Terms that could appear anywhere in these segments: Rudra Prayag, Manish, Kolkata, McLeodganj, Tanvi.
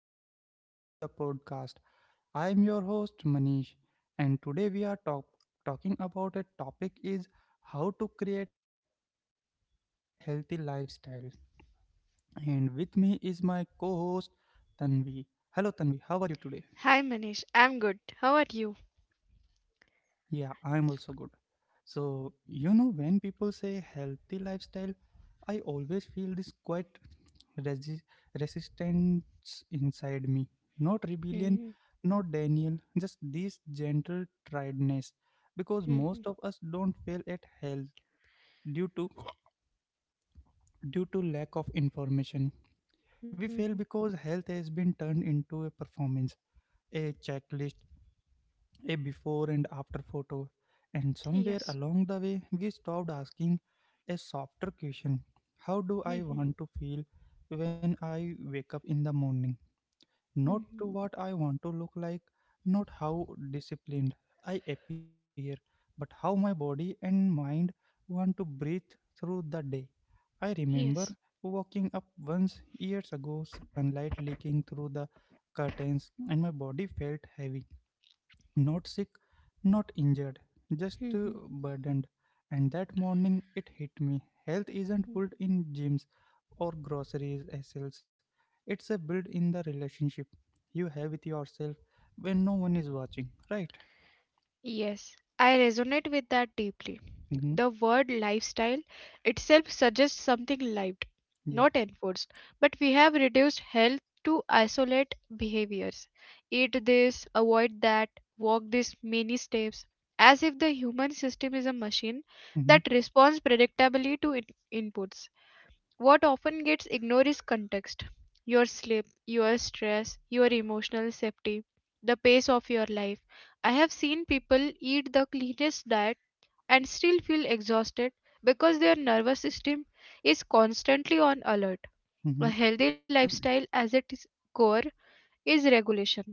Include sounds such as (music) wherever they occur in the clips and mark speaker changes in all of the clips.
Speaker 1: And welcome to the podcast. I am your host Manish, and today we are talk- talking about a topic is how to create a healthy lifestyle. And with me is my co-host Tanvi. Hello, Tanvi. How are you
Speaker 2: Hi
Speaker 1: today?
Speaker 2: Manish, I'm good. How are you?
Speaker 1: Yeah. So, when people say healthy lifestyle, I always feel this quite resi- resistance inside me. Not
Speaker 2: (laughs)
Speaker 1: rebellion,
Speaker 2: Mhm,
Speaker 1: not Daniel, just this gentle tiredness. Because
Speaker 2: mhm,
Speaker 1: most of us don't fail at health due to due to lack of information. We fail
Speaker 2: mhm.
Speaker 1: because health has been turned into a performance, a checklist, a before and after photo. And somewhere
Speaker 2: Yes.
Speaker 1: along the way, we stopped asking a softer question. How do I
Speaker 2: Mhm,
Speaker 1: want to feel when I wake up in the morning? Not
Speaker 2: mhm.
Speaker 1: to what I want to look like, not how disciplined I appear, but how my body and mind want to breathe through the day. I remember
Speaker 2: Yes.
Speaker 1: waking up once years ago, sunlight leaking through the curtains, and my body felt heavy, not sick, not injured, just
Speaker 2: Mhm,
Speaker 1: burdened. And that morning it hit me. Health isn't
Speaker 2: mhm.
Speaker 1: built in gyms or groceries as sales. It's a build in the relationship you have with yourself when no one is watching, right?
Speaker 2: Yes. I resonate with that deeply.
Speaker 1: Mm-hmm.
Speaker 2: The word lifestyle itself suggests something lived,
Speaker 1: Yeah.
Speaker 2: not enforced. But we have reduced health to isolate behaviors. Eat this, avoid that, walk this many steps. As if the human system is a machine
Speaker 1: Mm-hmm.
Speaker 2: that responds predictably to inputs. What often gets ignored is context: your sleep, your stress, your emotional safety, the pace of your life. I have seen people eat the cleanest diet and still feel exhausted because their nervous system is constantly on alert. A
Speaker 1: Mm-hmm.
Speaker 2: healthy lifestyle, as its core, is regulation.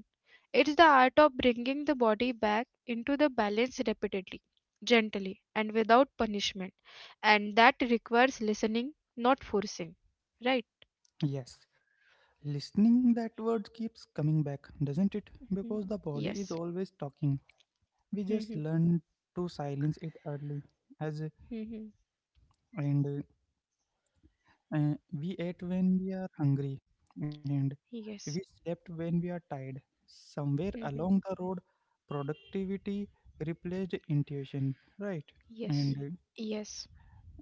Speaker 2: It's the art of bringing the body back into the balance repeatedly, gently, and without punishment. And that requires listening, not forcing. Right?
Speaker 1: Yes. Listening, that word keeps coming back, doesn't? Because
Speaker 2: Mm.
Speaker 1: the body is
Speaker 2: Yes.
Speaker 1: always talking. We just
Speaker 2: Mhm.
Speaker 1: learn to silence it early, as
Speaker 2: Mhm.
Speaker 1: and Uh, we ate when we are hungry, and
Speaker 2: Yes.
Speaker 1: we slept when we are tired. Somewhere
Speaker 2: Mhm.
Speaker 1: along the road, productivity replaced intuition, right?
Speaker 2: Yes.
Speaker 1: And
Speaker 2: Yes.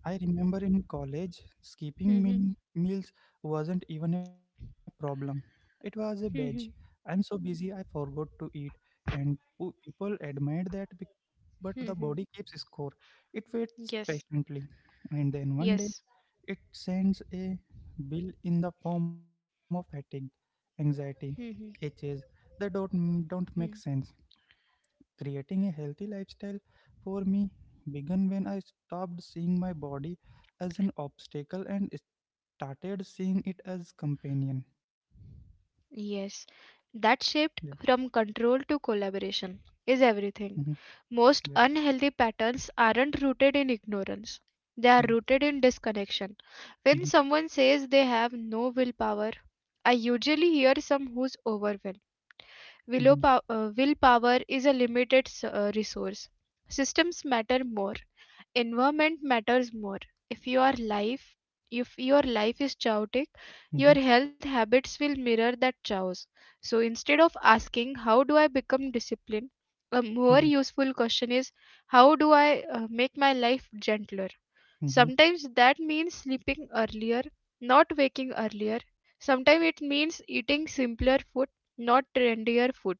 Speaker 1: I remember in college,
Speaker 2: Mhm.
Speaker 1: meals wasn't even a problem, it was a badge. I'm
Speaker 2: Mhm.
Speaker 1: so busy, I forgot to eat. And people admired that, but the body
Speaker 2: Mhm.
Speaker 1: keeps score, it waits
Speaker 2: Yes.
Speaker 1: patiently. And then one day,
Speaker 2: Yes.
Speaker 1: it sends a bill in the form of fatigue, anxiety,
Speaker 2: Mhm.
Speaker 1: itches that don't make
Speaker 2: Mhm.
Speaker 1: sense. Creating a healthy lifestyle for me began when I stopped seeing my body as an obstacle and started seeing it as companion.
Speaker 2: Yes.
Speaker 1: Yeah.
Speaker 2: That shift from control to collaboration is
Speaker 1: Mm-hmm.
Speaker 2: everything.
Speaker 1: Yeah.
Speaker 2: Most unhealthy patterns aren't rooted in ignorance.
Speaker 1: Yeah.
Speaker 2: They are rooted in disconnection.
Speaker 1: Mm-hmm.
Speaker 2: When someone says they have no willpower, I usually hear some who's overwhelmed.
Speaker 1: Mm-hmm.
Speaker 2: Willpower is a limited resource. Systems matter more. Environment matters more. If your life if your life is chaotic,
Speaker 1: Mm-hmm.
Speaker 2: your health habits will mirror that chaos. So instead of asking how do I become disciplined, a
Speaker 1: Yeah.
Speaker 2: more useful question is how do I make my life gentler?
Speaker 1: Mm-hmm.
Speaker 2: Sometimes that means sleeping earlier, not waking earlier. Sometimes it means eating simpler food, not trendier food.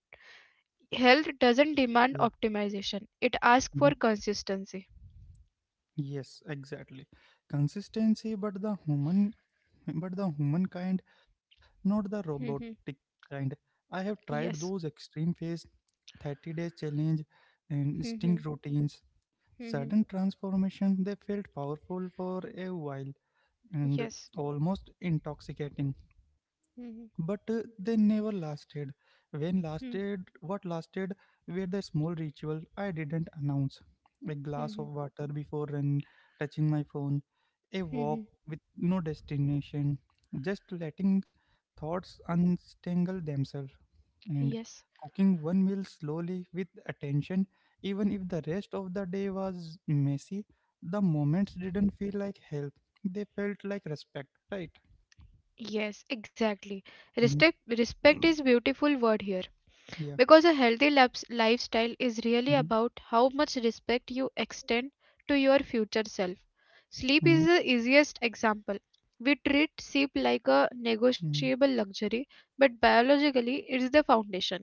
Speaker 2: Health doesn't
Speaker 1: Yeah.
Speaker 2: demand optimization, it asks
Speaker 1: Mm-hmm.
Speaker 2: for consistency.
Speaker 1: Yes, exactly. Consistency, but the human, kind, not the robotic
Speaker 2: Mhm.
Speaker 1: kind. I have tried those
Speaker 2: Yes.
Speaker 1: extreme phase, 30 days challenge, and
Speaker 2: Mhm.
Speaker 1: instinct routines.
Speaker 2: Mhm.
Speaker 1: Sudden transformation, they felt powerful for a while and
Speaker 2: Yes.
Speaker 1: almost intoxicating,
Speaker 2: Mhm.
Speaker 1: but they never lasted. When
Speaker 2: Mhm.
Speaker 1: lasted, what lasted were the small ritual I didn't announce. A glass of
Speaker 2: Mhm.
Speaker 1: water before and touching my phone, a walk
Speaker 2: Mhm.
Speaker 1: with no destination, just letting thoughts untangle themselves, and
Speaker 2: Yes.
Speaker 1: cooking one meal slowly with attention, even if the rest of the day was messy. The moments didn't feel like help; they felt like respect. Right?
Speaker 2: Yes, exactly.
Speaker 1: Mhm.
Speaker 2: Respect
Speaker 1: (clears throat)
Speaker 2: is beautiful word here,
Speaker 1: Yeah.
Speaker 2: because a healthy lifestyle is really
Speaker 1: Mm-hmm.
Speaker 2: about how much respect you extend to your future self. Sleep
Speaker 1: Mhm.
Speaker 2: is the easiest example. We treat sleep like a negotiable
Speaker 1: Mm.
Speaker 2: luxury, but biologically it is the foundation.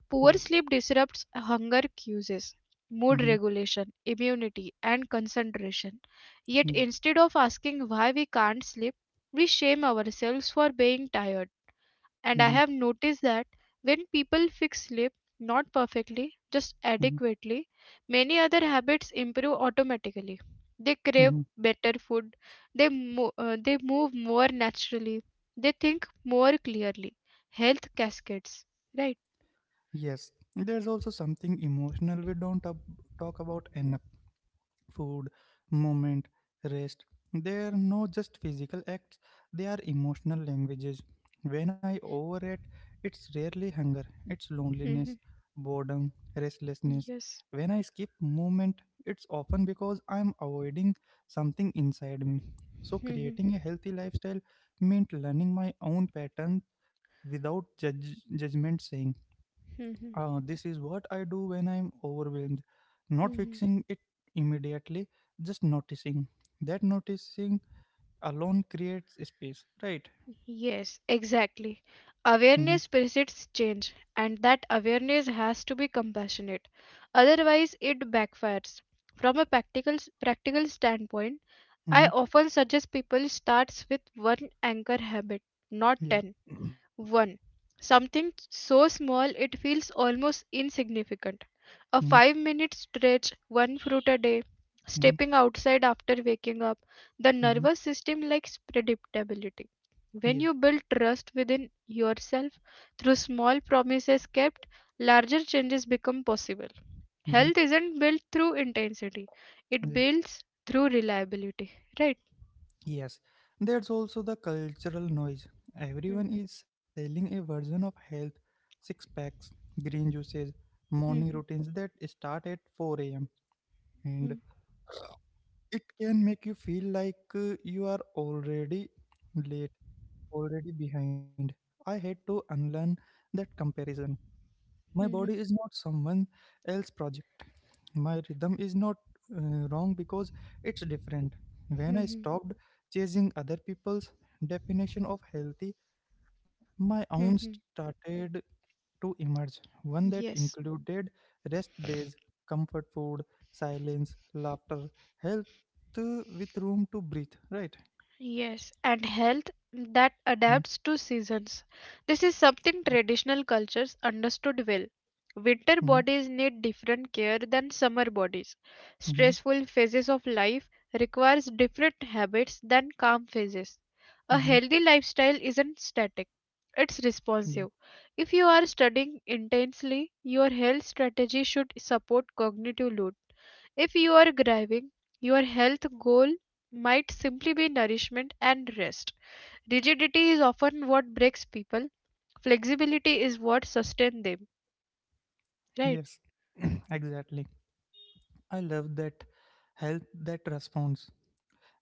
Speaker 2: Poor
Speaker 1: Yeah.
Speaker 2: sleep disrupts hunger cues, mood
Speaker 1: Mhm.
Speaker 2: regulation, immunity, and concentration. Yet
Speaker 1: Yeah.
Speaker 2: instead of asking why we can't sleep, we shame ourselves for being tired. And
Speaker 1: Mhm.
Speaker 2: I have noticed that when people fix sleep, not perfectly, just
Speaker 1: Mhm.
Speaker 2: adequately, many other habits improve automatically. They crave
Speaker 1: Mhm.
Speaker 2: better food, they move more naturally, they think more clearly. Health cascades, right?
Speaker 1: Yes. There's also something emotional we don't ab- talk about enough. Food, movement, rest. They are not just physical acts, they are emotional languages. When I overeat, it's rarely hunger, it's loneliness,
Speaker 2: (laughs)
Speaker 1: boredom, restlessness.
Speaker 2: Yes.
Speaker 1: When I skip movement, it's often because I'm avoiding something inside me. So,
Speaker 2: Mhm,
Speaker 1: creating a healthy lifestyle meant learning my own pattern without judgment, saying,
Speaker 2: mhm,
Speaker 1: this is what I do when I'm overwhelmed. Not
Speaker 2: mhm.
Speaker 1: fixing it immediately, just noticing. That noticing alone creates space, right?
Speaker 2: Yes, exactly.
Speaker 1: Mm-hmm,
Speaker 2: Awareness precedes change, and that awareness has to be compassionate. Otherwise, it backfires. From a practical standpoint,
Speaker 1: mm-hmm,
Speaker 2: I often suggest people starts with one anchor habit, not
Speaker 1: yeah.
Speaker 2: 10. One, something so small it feels almost insignificant. A
Speaker 1: Mm-hmm,
Speaker 2: 5-minute stretch, one fruit a day,
Speaker 1: mm-hmm,
Speaker 2: stepping outside after waking up. The
Speaker 1: mm-hmm,
Speaker 2: nervous system likes predictability. When
Speaker 1: yeah.
Speaker 2: you build trust within yourself through small promises kept, larger changes become possible.
Speaker 1: Mm-hmm,
Speaker 2: Health isn't built through intensity, it
Speaker 1: yeah.
Speaker 2: builds through reliability, right?
Speaker 1: Yes. There's also the cultural noise.
Speaker 2: Hmm,
Speaker 1: Everyone is selling a version of health, six packs, green juices, morning
Speaker 2: hmm,
Speaker 1: routines that start at 4 a.m.
Speaker 2: hmm,
Speaker 1: And it can make you feel like you are already late, already behind. I had to unlearn that comparison. My
Speaker 2: hmm, hmm,
Speaker 1: body
Speaker 2: hmm,
Speaker 1: is not someone else's project. My rhythm is not wrong because it's different. When I
Speaker 2: hmm,
Speaker 1: stopped chasing other people's definition of healthy, my own
Speaker 2: hmm, hmm, hmm.
Speaker 1: started to emerge, one that
Speaker 2: Yes.
Speaker 1: included rest days, comfort food, silence, laughter, health with room to breathe, right?
Speaker 2: Yes, and health that
Speaker 1: Mm-hmm.
Speaker 2: adapts to seasons. This is
Speaker 1: Yeah.
Speaker 2: something traditional cultures understood well.
Speaker 1: Mm-hmm.
Speaker 2: Winter bodies need different care than summer bodies.
Speaker 1: Mm-hmm.
Speaker 2: Stressful phases of life requires different habits than calm phases. A
Speaker 1: Mm-hmm.
Speaker 2: healthy lifestyle isn't static. It's
Speaker 1: Yeah.
Speaker 2: responsive. If you are studying intensely, your health strategy should support cognitive load. If you are grieving, your health goal might simply be nourishment and rest. Rigidity is often what breaks people, flexibility is what sustains them, right?
Speaker 1: Yes, (clears throat) exactly. I love that, health that responds,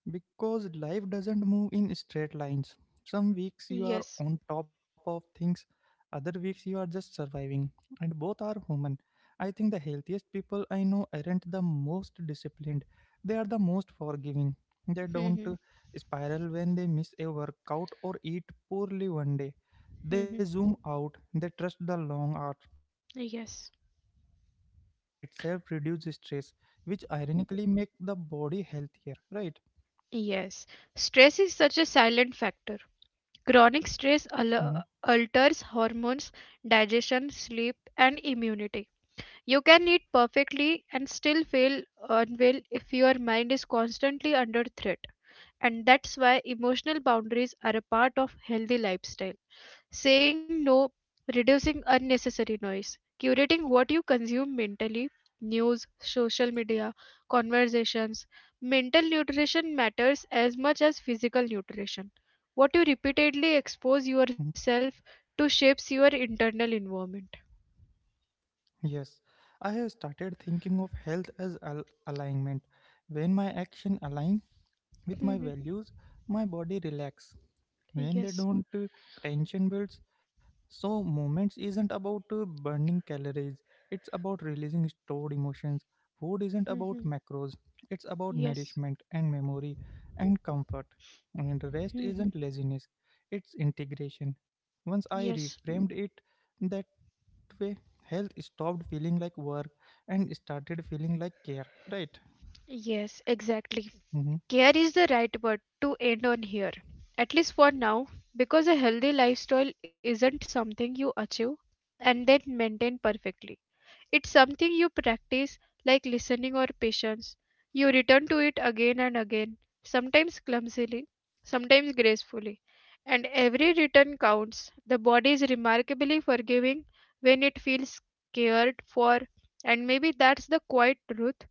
Speaker 1: because life doesn't move in straight lines. Some weeks you are
Speaker 2: Yes.
Speaker 1: on top of things, other weeks you are just surviving, and both are human. I think the healthiest people I know aren't the most disciplined, they are the most forgiving. They don't
Speaker 2: Mhm.
Speaker 1: spiral when they miss a workout or eat poorly one day.
Speaker 2: Mhm.
Speaker 1: They zoom out, they trust the long arc, that
Speaker 2: Yes.
Speaker 1: trust itself reduces stress, which ironically make the body healthier, right?
Speaker 2: Yes. Stress is such a silent factor. Chronic stress
Speaker 1: Mm-hmm.
Speaker 2: alters hormones, digestion, sleep, and immunity. You can eat perfectly and still feel unwell if your mind is constantly under threat. And that's why emotional boundaries are a part of healthy lifestyle: saying no, reducing unnecessary noise, curating what you consume mentally — news, social media, conversations. Mental nutrition matters as much as physical nutrition. What you repeatedly expose yourself to shapes your internal environment.
Speaker 1: Yes, I have started thinking of health as alignment. When my action align with my values, my body relax.
Speaker 2: (laughs)
Speaker 1: When they
Speaker 2: Yes.
Speaker 1: don't, tension builds. So moments isn't about burning calories. It's about releasing stored emotions. Food isn't about macros. It's
Speaker 2: (laughs)
Speaker 1: about
Speaker 2: Yes.
Speaker 1: nourishment and memory and comfort. And rest
Speaker 2: (laughs)
Speaker 1: isn't laziness. It's integration. Once I
Speaker 2: Yes.
Speaker 1: reframed it, that way, health stopped feeling like work and started feeling like care, right?
Speaker 2: Yes, exactly.
Speaker 1: Hmm.
Speaker 2: Care is the right word to end on here, at least for now, because a healthy lifestyle isn't something you achieve and then maintain perfectly. It's something you practice, like listening or patience. You return to it again and again, sometimes clumsily, sometimes gracefully. And every return counts. The body is remarkably forgiving when it feels cared for, and maybe that's the quiet truth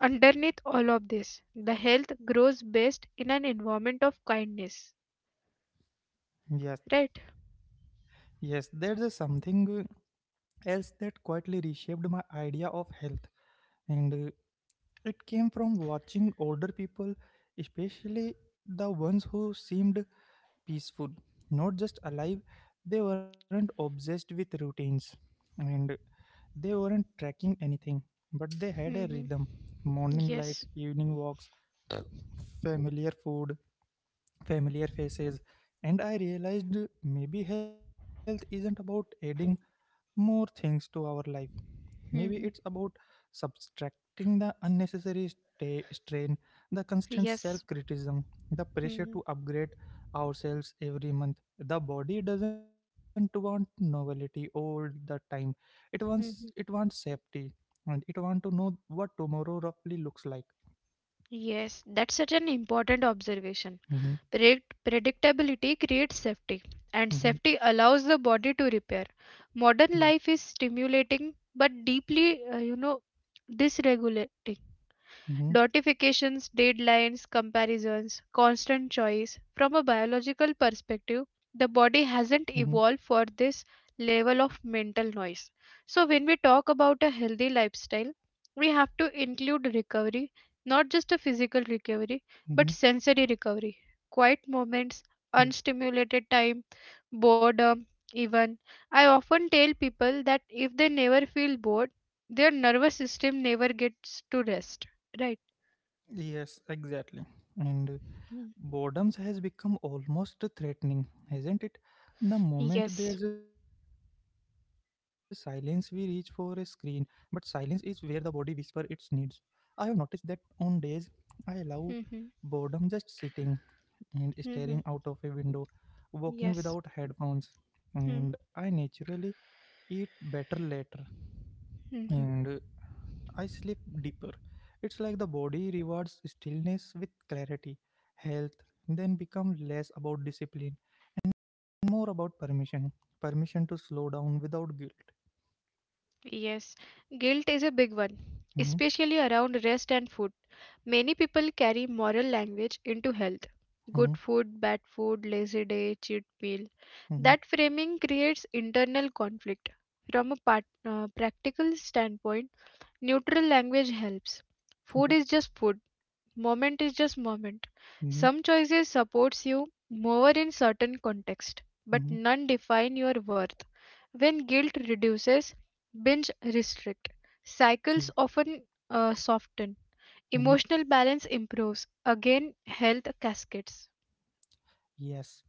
Speaker 2: underneath all of this: the health grows best in an environment of kindness, right?
Speaker 1: Yes, yes, there's a something else that quietly my idea of health, and it came from watching older people, especially the ones who seemed peaceful, not just alive. They weren't obsessed with routines, and they weren't tracking anything, but they had a
Speaker 2: Hmm.
Speaker 1: rhythm, morning light,
Speaker 2: Yes.
Speaker 1: evening walks, familiar food, familiar faces, and I realized maybe health isn't about adding more things to our life. Maybe it's about
Speaker 2: Hmm.
Speaker 1: subtracting the unnecessary sta strain, the constant
Speaker 2: Yes.
Speaker 1: self criticism, the pressure
Speaker 2: Hmm.
Speaker 1: to upgrade ourselves every month. The body doesn't want novelty all the time. It wants
Speaker 2: Hmm.
Speaker 1: safety and it wants to know what tomorrow roughly looks like.
Speaker 2: Yes, that's such an important observation.
Speaker 1: Mm-hmm,
Speaker 2: Predictability creates safety, and
Speaker 1: mm-hmm,
Speaker 2: safety allows the body to repair.
Speaker 1: yeah.
Speaker 2: Modern life is stimulating but deeply, dysregulating.
Speaker 1: Mm-hmm.
Speaker 2: Notifications, deadlines, comparisons, constant choice. From a biological perspective,
Speaker 1: Mm-hmm.
Speaker 2: the body hasn't evolved for this level of mental noise. So, when we talk about a healthy lifestyle, we have to include recovery, not just a physical
Speaker 1: Mhm.
Speaker 2: recovery, but sensory recovery, quiet
Speaker 1: Yeah.
Speaker 2: moments, unstimulated time, boredom, even. I often tell people that if they never feel bored, their nervous system never gets to rest, right?
Speaker 1: Yes, exactly. And
Speaker 2: Mm.
Speaker 1: boredoms has become almost threatening, hasn't it? The moment
Speaker 2: Yes.
Speaker 1: there's a silence, we reach for a screen. But silence is where the body whispers its needs. I have noticed that on days I allow
Speaker 2: Mm-hmm.
Speaker 1: boredom, just sitting and
Speaker 2: Mm-hmm.
Speaker 1: staring out of a window, walking
Speaker 2: Yes.
Speaker 1: without headphones, and I naturally eat better later.
Speaker 2: Mm-hmm.
Speaker 1: And I sleep deeper. It's like the rewards stillness with clarity. Health then become less about discipline and more about permission. Permission to slow down without guilt.
Speaker 2: Yes. Guilt is a big one, especially
Speaker 1: Mm-hmm,
Speaker 2: around rest and food. Many people carry moral language into health.
Speaker 1: mm-hmm,
Speaker 2: Good food, bad food, lazy day, cheat meal.
Speaker 1: mm-hmm,
Speaker 2: That framing creates internal conflict. From a practical standpoint, neutral language helps.
Speaker 1: yeah,
Speaker 2: Food is just food. Moment is just moment.
Speaker 1: mm-hmm,
Speaker 2: Some choices supports you more in certain context, but
Speaker 1: mm-hmm,
Speaker 2: none define your worth. When guilt reduces, binge restrict.
Speaker 1: yeah,
Speaker 2: Cycles often soften.
Speaker 1: mm-hmm.
Speaker 2: Emotional balance improves. Again, health cascades.
Speaker 1: Yes,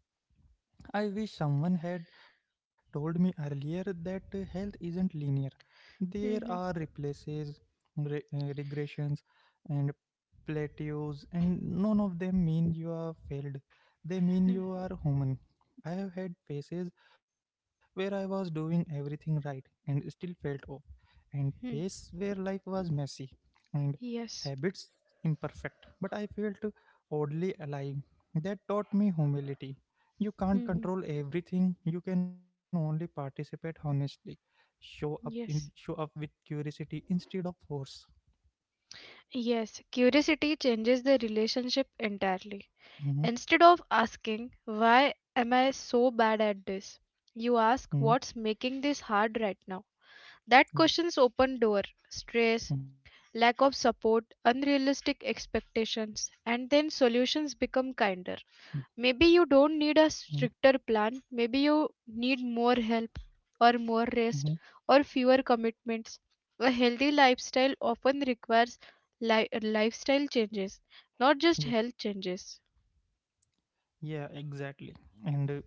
Speaker 1: I wish someone had told me earlier that health isn't linear. There are
Speaker 2: Mhm,
Speaker 1: replaces, regressions, and plateaus, and none of them mean you are failed. They mean
Speaker 2: mhm,
Speaker 1: you are human. I have had phases where I was doing everything right and still felt off, and
Speaker 2: mhm.
Speaker 1: phase where life was messy and
Speaker 2: Yes.
Speaker 1: habits imperfect, but I felt oddly alive. That taught me humility, you can't
Speaker 2: Mhm.
Speaker 1: control everything. You can only participate honestly. Show
Speaker 2: Yes.
Speaker 1: up with curiosity instead of force.
Speaker 2: Yes, curiosity changes the relationship entirely.
Speaker 1: Mm-hmm.
Speaker 2: Instead of asking, "Why am I so bad at this?" you
Speaker 1: Hmm.
Speaker 2: ask, "What's making this hard right now?"
Speaker 1: Yeah.
Speaker 2: That question's open door:
Speaker 1: Mm-hmm.
Speaker 2: stress, lack of support, unrealistic expectations, and then solutions become kinder. Maybe you don't
Speaker 1: Mm-hmm. Mm-hmm,
Speaker 2: need a stricter plan, maybe you need more help, or more
Speaker 1: mm-hmm,
Speaker 2: rest, or fewer commitments. A healthy lifestyle often requires lifestyle changes, not
Speaker 1: yeah.
Speaker 2: just health changes.
Speaker 1: Yeah. Exactly. And uh,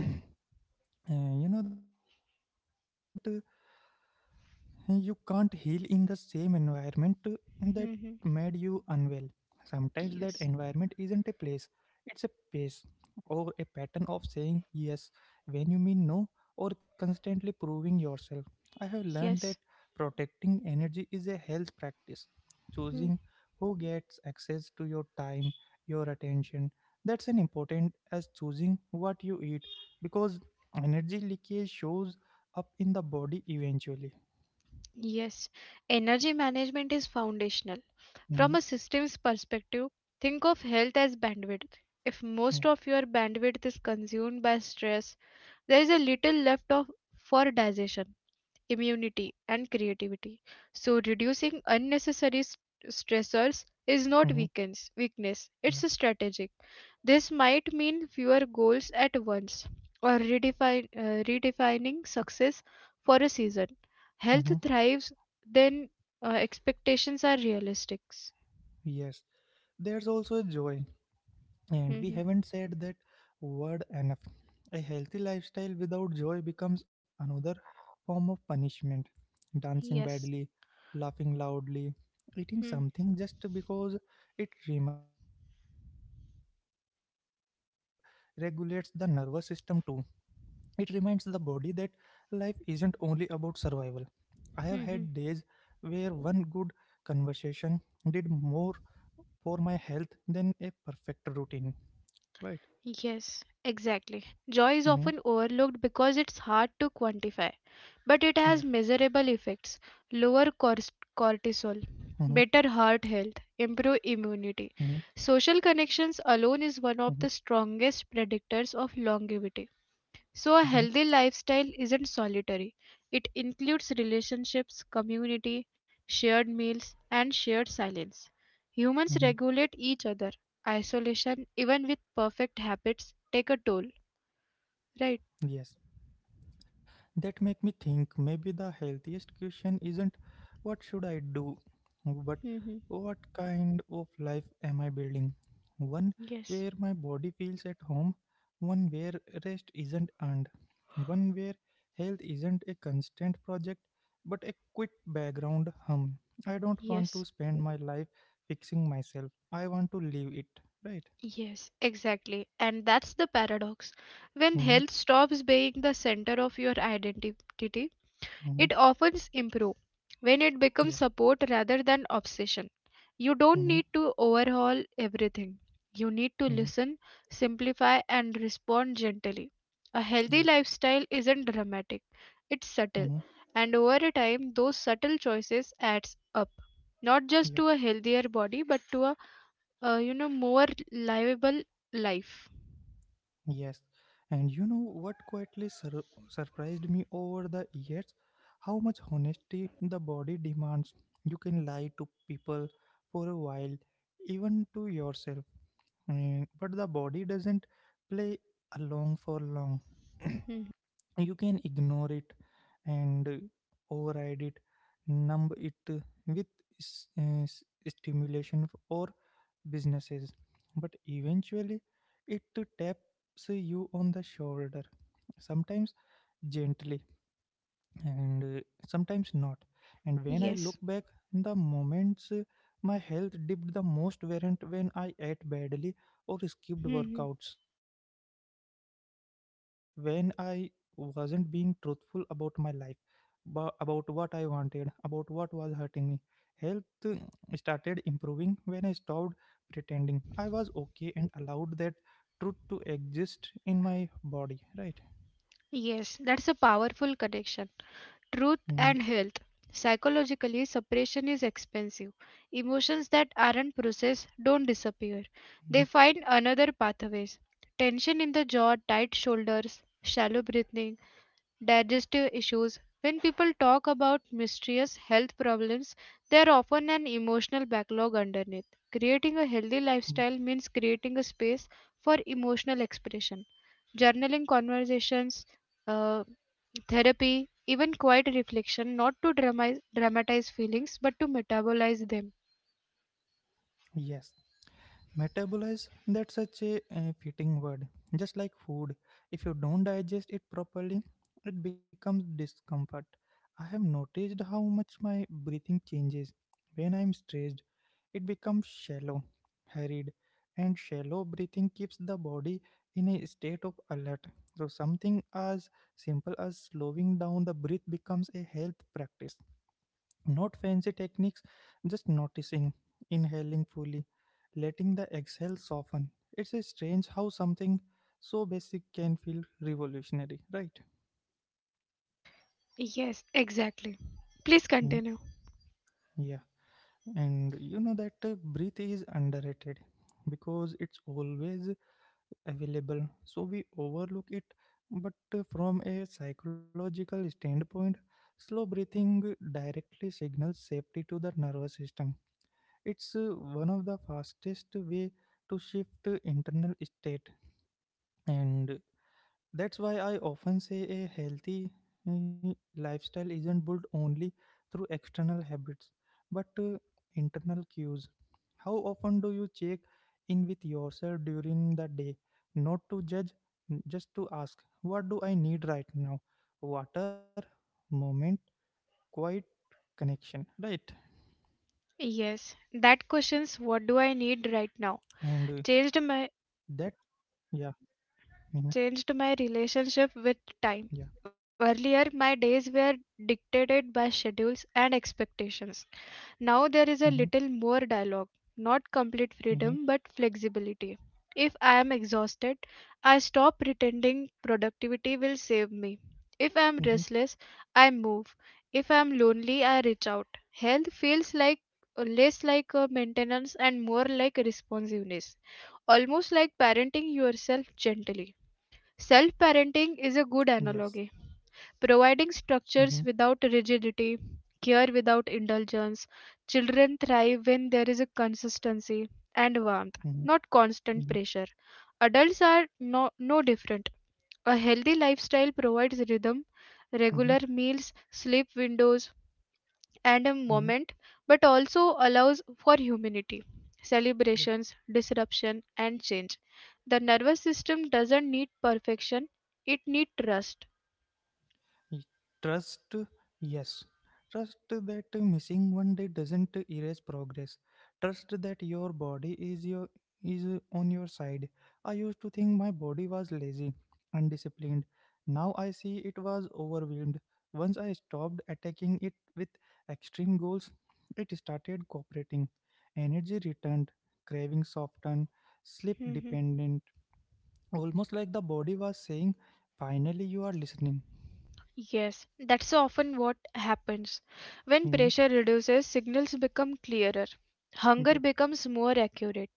Speaker 1: (clears throat) And you know that you can't heal in the same environment that made you
Speaker 2: Mhm.
Speaker 1: unwell. Sometimes that environment
Speaker 2: Yes,
Speaker 1: isn't a place, it's a pace or a pattern of saying yes when you mean no or constantly proving yourself. I have learned that
Speaker 2: yes,
Speaker 1: protecting energy is a health practice. Choosing
Speaker 2: hmm,
Speaker 1: who gets access to your time, your attention, that's an important as choosing what you eat, because energy leakage shows up in the body eventually.
Speaker 2: yes. Energy management is foundational. From
Speaker 1: Mhm.
Speaker 2: a systems perspective, think of health as bandwidth. If
Speaker 1: Yeah.
Speaker 2: most of your bandwidth is consumed by stress, there is a little left of for digestion, immunity, and creativity. So, reducing unnecessary stressors is not
Speaker 1: Mhm.
Speaker 2: weakness,
Speaker 1: Yeah.
Speaker 2: it's a strategic. This might mean fewer goals at once, or redefining success for a season. Health
Speaker 1: Mhm.
Speaker 2: thrives, then expectations are realistic.
Speaker 1: Yes. There's also joy, and we
Speaker 2: Mhm.
Speaker 1: haven't said that word enough. A healthy lifestyle without joy becomes another form of punishment. Dancing
Speaker 2: Yes.
Speaker 1: badly, laughing loudly, eating
Speaker 2: Hmm.
Speaker 1: something just because it reminds you of home. Joy regulates the nervous system too. It reminds the body that life isn't only about survival. I have
Speaker 2: Hmm,
Speaker 1: had
Speaker 2: hmm.
Speaker 1: days where one good conversation did more for my health than a perfect routine. Right.
Speaker 2: Yes, exactly. Joy is often
Speaker 1: Mm-hmm.
Speaker 2: overlooked because it's hard to quantify, but it has
Speaker 1: Yeah.
Speaker 2: measurable effects: lower
Speaker 1: Mm-hmm.
Speaker 2: cortisol, better heart health, improved
Speaker 1: Mm-hmm.
Speaker 2: immunity. Social connections alone
Speaker 1: Mm-hmm.
Speaker 2: is one of the strongest predictors of longevity. So, a
Speaker 1: Mm-hmm.
Speaker 2: healthy lifestyle isn't solitary, it includes relationships, community, shared meals, and shared silence. Humans
Speaker 1: Mm-hmm.
Speaker 2: regulate each other. Isolation, even with perfect habits, take a toll, right?
Speaker 1: Yes, that make me think maybe the healthiest question isn't what should I do, but
Speaker 2: Hmm.
Speaker 1: what kind of life am I building? One
Speaker 2: Yes,
Speaker 1: where my body feels at home, one where rest isn't earned, one where health isn't a constant project but a quick background hum. I don't want
Speaker 2: yes,
Speaker 1: to spend my life fixing myself, I want to live it, right?
Speaker 2: yes, exactly. And that's the paradox. When
Speaker 1: Mm-hmm,
Speaker 2: health stops being the center of your identity,
Speaker 1: mm-hmm,
Speaker 2: it often improves when it
Speaker 1: yeah,
Speaker 2: becomes support rather than obsession. You don't
Speaker 1: mm-hmm,
Speaker 2: need to overhaul everything. You need to
Speaker 1: mm-hmm,
Speaker 2: listen, simplify, and respond gently. A healthy
Speaker 1: yeah,
Speaker 2: lifestyle isn't dramatic, it's
Speaker 1: mm-hmm,
Speaker 2: subtle, and over a time, those subtle choices adds up, not just
Speaker 1: yeah.
Speaker 2: to a healthier body but to a more livable life.
Speaker 1: Yes, and you know what quietly surprised me over the years? How much honesty the body demands. You can lie to people for a while, even to yourself. Mm, but the body doesn't play along for long. (clears throat)
Speaker 2: Mhm.
Speaker 1: You can ignore it and override it, numb it with s- uh, s- stimulation, or businesses, but eventually it taps you on the shoulder, sometimes gently and sometimes not. And when I look
Speaker 2: Yes.
Speaker 1: back, the moments my health dipped the most weren't when I ate badly or skipped
Speaker 2: Mhm.
Speaker 1: workouts. They were when I wasn't being truthful about my life, about what I wanted, about what was hurting me. Health started improving when I stopped pretending I was okay and allowed that truth to exist in my body, right?
Speaker 2: Yes, that's a powerful connection. Truth
Speaker 1: Mhm,
Speaker 2: and health. Psychologically, separation is expensive. Emotions that aren't processed don't
Speaker 1: mhm,
Speaker 2: disappear, they find another pathways. Tension in the jaw, tight shoulders, shallow breathing, digestive issues. When people talk about mysterious health problems, there are often an emotional backlog underneath. Creating a healthy
Speaker 1: yeah.
Speaker 2: lifestyle means creating a space for emotional expression. Journaling conversations, uh, therapy, even quiet reflection, not to dramatize feelings but to metabolize them.
Speaker 1: Yes. Metabolize, that's such a, fitting word. Just like food, if you don't digest it properly, it becomes discomfort. I have noticed how much my breathing changes. When I'm stressed, it becomes shallow, hurried, and shallow breathing keeps the body in a state of alert. So, something as simple as slowing down the breath becomes a health practice, not fancy techniques, just noticing, inhaling fully, letting the exhale soften. It's a strange how something so basic can feel revolutionary, right?
Speaker 2: Yes, exactly. Please
Speaker 1: Hmm,
Speaker 2: continue.
Speaker 1: yeah. And that breathe is underrated because it's always available so we overlook it, but from a psychological standpoint slow breathing directly signals safety to the nervous system. It's one of the fastest way to shift internal state, and that's why I often say a healthy lifestyle isn't built only through external habits, but internal cues. How often do you check in with yourself during the day? Not to judge, just to ask, what do I need right now? Water, moment, quiet, connection, right?
Speaker 2: Yes, that questions what do I need
Speaker 1: And
Speaker 2: right now changed
Speaker 1: that,
Speaker 2: my
Speaker 1: yeah, mhm,
Speaker 2: changed my relationship with
Speaker 1: yeah,
Speaker 2: time. Earlier, my days were dictated by schedules and expectations. Now there is a
Speaker 1: mhm.
Speaker 2: little more dialogue, not complete
Speaker 1: Mm-hmm.
Speaker 2: freedom but flexibility. If I am exhausted, I stop pretending productivity will save me. If I am
Speaker 1: Mm-hmm.
Speaker 2: restless, I move. If I am lonely, I reach out. Health feels like less like a maintenance and more like a responsiveness, almost like parenting yourself gently. Self parenting is a good
Speaker 1: Yes.
Speaker 2: analogy, providing
Speaker 1: Mm-hmm.
Speaker 2: structures without rigidity, care without indulgence. Children thrive when there is a consistency and warmth,
Speaker 1: Mm-hmm.
Speaker 2: not constant
Speaker 1: Mm-hmm.
Speaker 2: pressure. Adults are no different. A healthy lifestyle provides rhythm,
Speaker 1: Mm-hmm.
Speaker 2: regular meals, sleep windows, and a
Speaker 1: Mm-hmm.
Speaker 2: moment, but also allows for humanity,
Speaker 1: Yeah.
Speaker 2: celebrations, disruption, and change. The nervous system doesn't need perfection, it needs trust.
Speaker 1: Y- Trust. Yes. Trust that missing one day doesn't erase progress. Trust that your body is your is on your side. I used to think my body was lazy, undisciplined. Now I see it was overwhelmed. Once I stopped attacking it with extreme goals, it started cooperating. Energy returned, craving softened, sleep dependent. Almost like the body was saying, finally, you are listening.
Speaker 2: Yes, that's often what happens. When
Speaker 1: Mhm,
Speaker 2: pressure reduces, signals become clearer. Hunger
Speaker 1: yeah.
Speaker 2: becomes more accurate.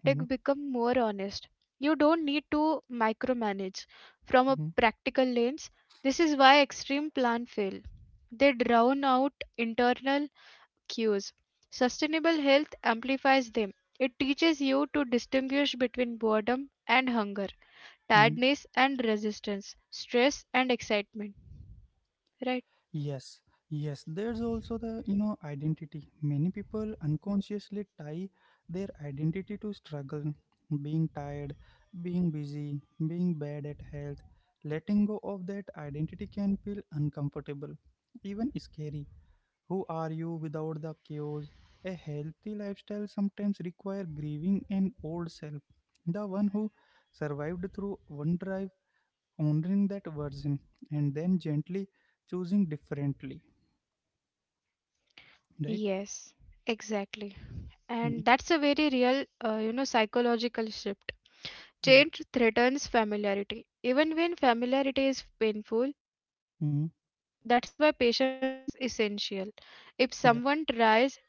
Speaker 1: Mhm,
Speaker 2: becomes more honest. You don't need to micromanage. From a
Speaker 1: mhm,
Speaker 2: practical lens, this is why extreme plan fail. They drown out internal cues. Sustainable health amplifies them. It teaches you to distinguish between boredom and hunger,
Speaker 1: mhm.
Speaker 2: tiredness and resistance, stress and excitement. Right.
Speaker 1: Yes. Yes. There's also the, identity. Many people unconsciously tie their identity to struggle, being tired, being busy, being bad at health. Letting go of that identity can feel uncomfortable, even scary. Who are you without the chaos? A healthy lifestyle sometimes requires grieving an old self, the one who survived through one drive, honoring that version, and then gently choosing differently. Right?
Speaker 2: Yes, exactly.
Speaker 1: Mhm.
Speaker 2: And that's a very real, psychological shift.
Speaker 1: Yeah.
Speaker 2: Change threatens familiarity. Even when familiarity is painful, that's why
Speaker 1: Mhm.
Speaker 2: patience is essential. If someone tries to
Speaker 1: Yeah.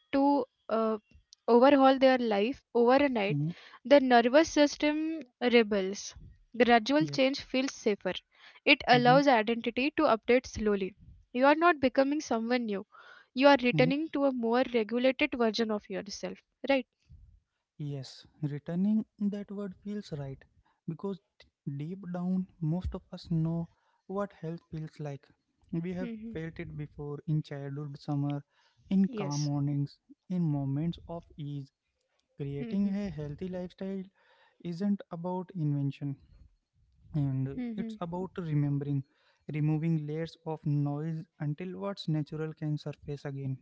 Speaker 2: overhaul their life overnight, the nervous
Speaker 1: Mhm.
Speaker 2: system rebels. Gradual change feels safer.
Speaker 1: Yeah.
Speaker 2: It allows identity to
Speaker 1: Mhm.
Speaker 2: update slowly. You are not becoming someone new. You are returning to a
Speaker 1: Mhm.
Speaker 2: more regulated version of yourself. Right?
Speaker 1: Yes, returning that word feels right because deep down, most of us know what health feels like. We have
Speaker 2: hmm
Speaker 1: felt it before in childhood summer, in calm
Speaker 2: Yes.
Speaker 1: mornings, in moments of ease. Creating
Speaker 2: hmm
Speaker 1: a healthy lifestyle isn't about invention, and it's about remembering, removing layers of noise until what's natural can surface again.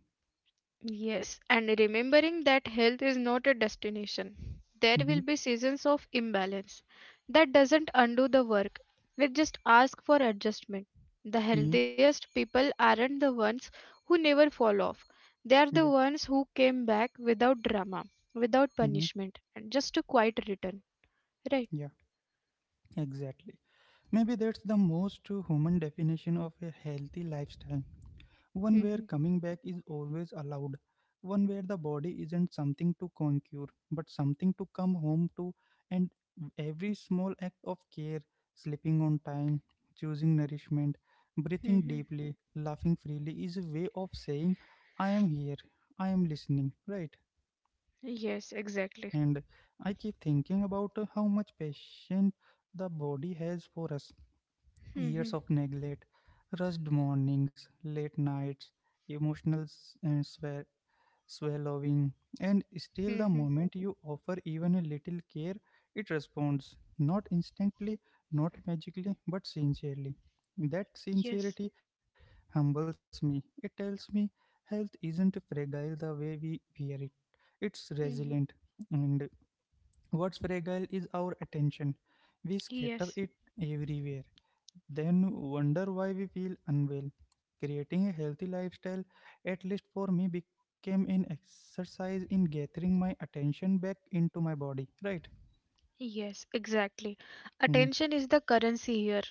Speaker 2: Yes, and remembering that health is not a destination. There
Speaker 1: Mm-hmm,
Speaker 2: will be seasons of imbalance. That doesn't undo the work, it just asks for adjustment. The
Speaker 1: mm-hmm,
Speaker 2: healthiest people aren't the ones who never fall off, they are
Speaker 1: yeah,
Speaker 2: the ones who came back without drama, without
Speaker 1: mm-hmm,
Speaker 2: punishment, and just a quiet return. Right?
Speaker 1: yeah, exactly. Maybe that's the most true human definition of a healthy lifestyle, one where
Speaker 2: Mhm,
Speaker 1: coming back is always allowed, one where the body isn't something to conquer, but something to come home to, and every small act of care, sleeping on time, choosing nourishment, breathing
Speaker 2: mhm,
Speaker 1: deeply, laughing freely, is a way of saying, I am here, I am listening, right?
Speaker 2: yes, exactly.
Speaker 1: And I keep thinking about how much patience the body has for years
Speaker 2: Mhm,
Speaker 1: of neglect, rushed mornings, late nights, emotional s- and swa- swallowing, and still the
Speaker 2: mhm,
Speaker 1: moment you offer even a little care, it responds, not instantly, not magically, but sincerely. That
Speaker 2: yes.
Speaker 1: sincerity humbles me. It tells me health isn't fragile the way we fear it. It's
Speaker 2: Mhm.
Speaker 1: resilient, and what's fragile is our attention. We scatter
Speaker 2: Yes.
Speaker 1: it everywhere then wonder why we feel unwell. Creating a healthy lifestyle, at least for me, became an exercise in gathering my attention back into my body. Right?
Speaker 2: Yes, exactly.
Speaker 1: Hmm.
Speaker 2: Attention is the currency here.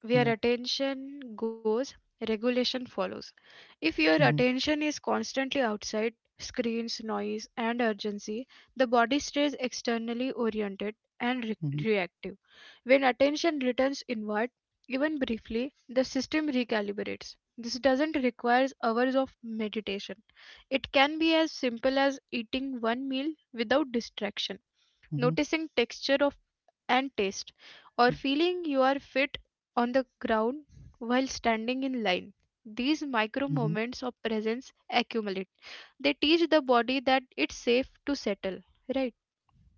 Speaker 2: Where
Speaker 1: Yeah.
Speaker 2: attention goes, regulation follows. If
Speaker 1: Hmm.
Speaker 2: your attention is constantly outside, screens, noise, and urgency, the body stays externally oriented and
Speaker 1: Hmm.
Speaker 2: reactive. When attention returns inward, even briefly, the system recalibrates. This doesn't require hours of meditation. It can be as simple as eating one meal without distraction,
Speaker 1: Hmm.
Speaker 2: noticing texture of and taste, or
Speaker 1: Yeah.
Speaker 2: feeling you are fit on the ground while standing in line. These
Speaker 1: Hmm.
Speaker 2: micro moments of presence accumulate. They teach the body that it's safe to settle, right?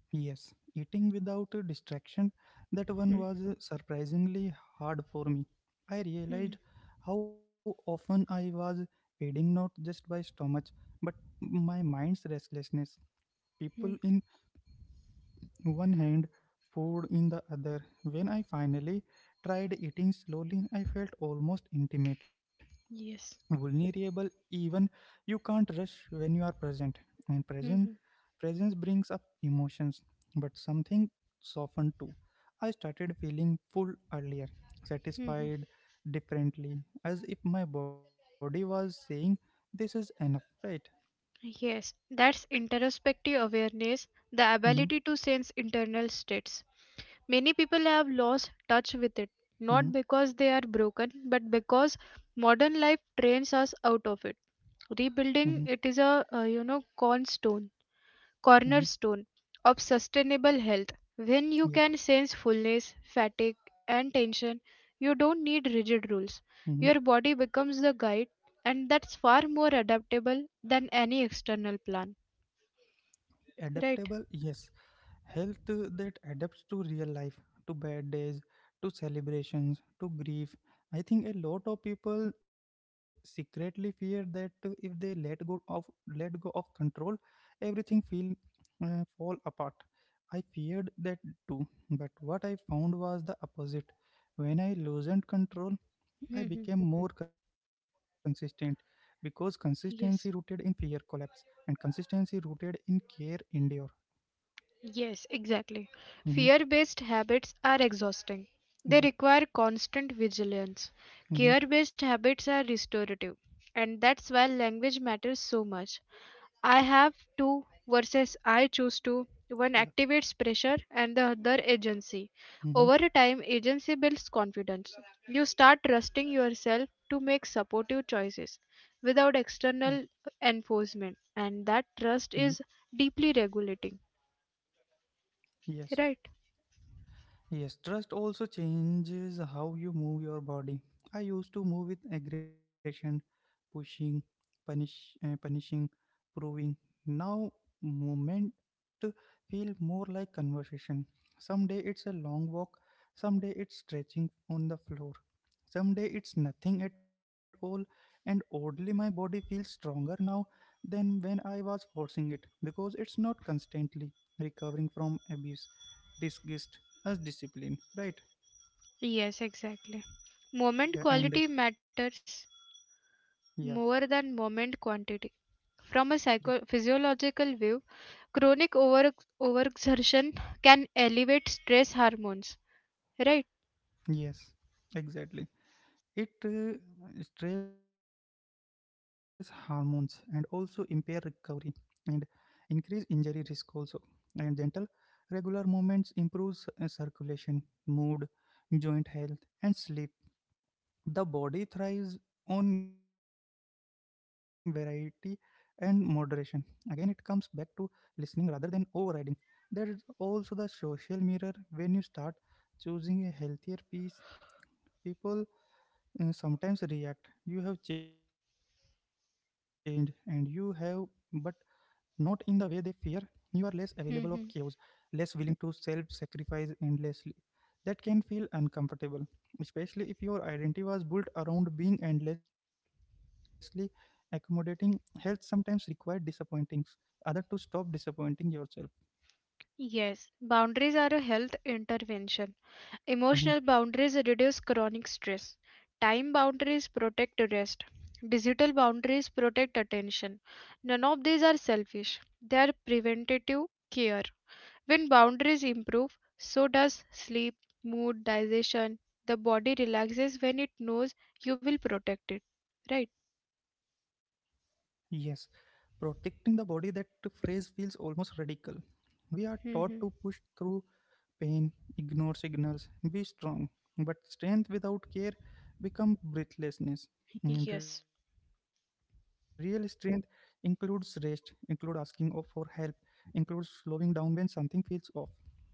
Speaker 1: Yes. Eating without a distraction, that
Speaker 2: Hmm,
Speaker 1: one was surprisingly hard for me.
Speaker 2: hmm,
Speaker 1: I realized how often I was feeding not just by stomach, but my restlessness. People
Speaker 2: hmm.
Speaker 1: in one hand, food in the other. When I finally tried eating slowly, I felt almost intimate,
Speaker 2: Yes.
Speaker 1: vulnerable, even. You can't rush when you are present. And
Speaker 2: Hmm,
Speaker 1: presence brings up emotions, but something softened too. I started feeling full earlier,
Speaker 2: hmm, hmm.
Speaker 1: satisfied differently, as if my body was saying, this is enough, right?
Speaker 2: Yes, that's introspective awareness, the
Speaker 1: Mm-hmm,
Speaker 2: ability to sense internal states. Many people have lost touch with it,
Speaker 1: mm-hmm,
Speaker 2: not because they are broken, but because modern life trains us out of it.
Speaker 1: mm-hmm,
Speaker 2: Rebuilding it is a, cornerstone,
Speaker 1: mm-hmm,
Speaker 2: cornerstone of sustainable health. When
Speaker 1: yeah.
Speaker 2: you can sense fullness, fatigue, and tension, you don't need rigid rules.
Speaker 1: Mm-hmm.
Speaker 2: Your body becomes the guide, and that's far more adaptable than any external plan.
Speaker 1: Adaptable,
Speaker 2: Right?
Speaker 1: yes. Health that adapts to real life, to bad days, to celebrations, to grief. I think a lot of people secretly fear that if they let go of control, everything feel fall apart. I feared that too, but what I found was the opposite. When I loosened control, I
Speaker 2: Mhm,
Speaker 1: became more consistent because consistency rooted
Speaker 2: yes.
Speaker 1: in fear collapse and consistency rooted in care endure.
Speaker 2: Yes, exactly.
Speaker 1: Hmm.
Speaker 2: Fear based habits are exhausting. They
Speaker 1: Yeah.
Speaker 2: require constant vigilance.
Speaker 1: Mhm.
Speaker 2: Care based habits are restorative. And that's why language matters so much. I have to versus I choose to. One
Speaker 1: Yeah.
Speaker 2: activates pressure and the other agency.
Speaker 1: Hmm.
Speaker 2: Over time, agency builds confidence. You start trusting yourself to make supportive choices without
Speaker 1: Yeah.
Speaker 2: external enforcement, and that trust
Speaker 1: Hmm.
Speaker 2: is deeply regulating.
Speaker 1: Yes.
Speaker 2: Right?
Speaker 1: Yes, trust also changes how you move your body. I used to move with aggression, pushing, punish, punishing, proving. Now movement feel more like conversation. Someday it's a long walk, someday it's stretching on the floor, someday it's nothing at all. And oddly, my body feels stronger now than when I was forcing it because it's not constantly recovering from abuse disguised as discipline, right?
Speaker 2: Yes, exactly. Moment
Speaker 1: Yeah and
Speaker 2: quality matters
Speaker 1: yeah,
Speaker 2: more than moment quantity.
Speaker 1: yeah,
Speaker 2: From a physiological view, chronic overexertion can elevate stress hormones, right?
Speaker 1: yes, exactly. It stress hormones and also impair recovery and increase injury risk also, and gentle regular movements improves circulation, mood, joint health, and sleep. The body thrives on variety and moderation. Again, it comes back to listening rather than overriding. There is also the social mirror. When you start choosing a healthier piece, people sometimes react. You have changed, and you have, but not in the way they fear. You are less available of chaos,
Speaker 2: hmm
Speaker 1: less willing to self sacrifice endlessly. That can feel uncomfortable, especially if your identity was built around being endlessly accommodating. Health sometimes required disappointings other to stop disappointing yourself.
Speaker 2: Yes, boundaries are a health intervention.
Speaker 1: Mm-hmm.
Speaker 2: Emotional boundaries reduce chronic stress. Time boundaries protect rest. Digital boundaries protect attention. None of these are selfish. They are preventative care. When boundaries improve, so does sleep, mood, digestion. The body relaxes when it knows you will protect it, right?
Speaker 1: Yes, protecting the body, that phrase feels almost radical. We are taught to
Speaker 2: Mhm.
Speaker 1: push through pain, ignore signals, be strong. But strength without care becomes breathlessness. And
Speaker 2: Yes.
Speaker 1: real strength includes rest, includes for help, includes slowing down when something feels off.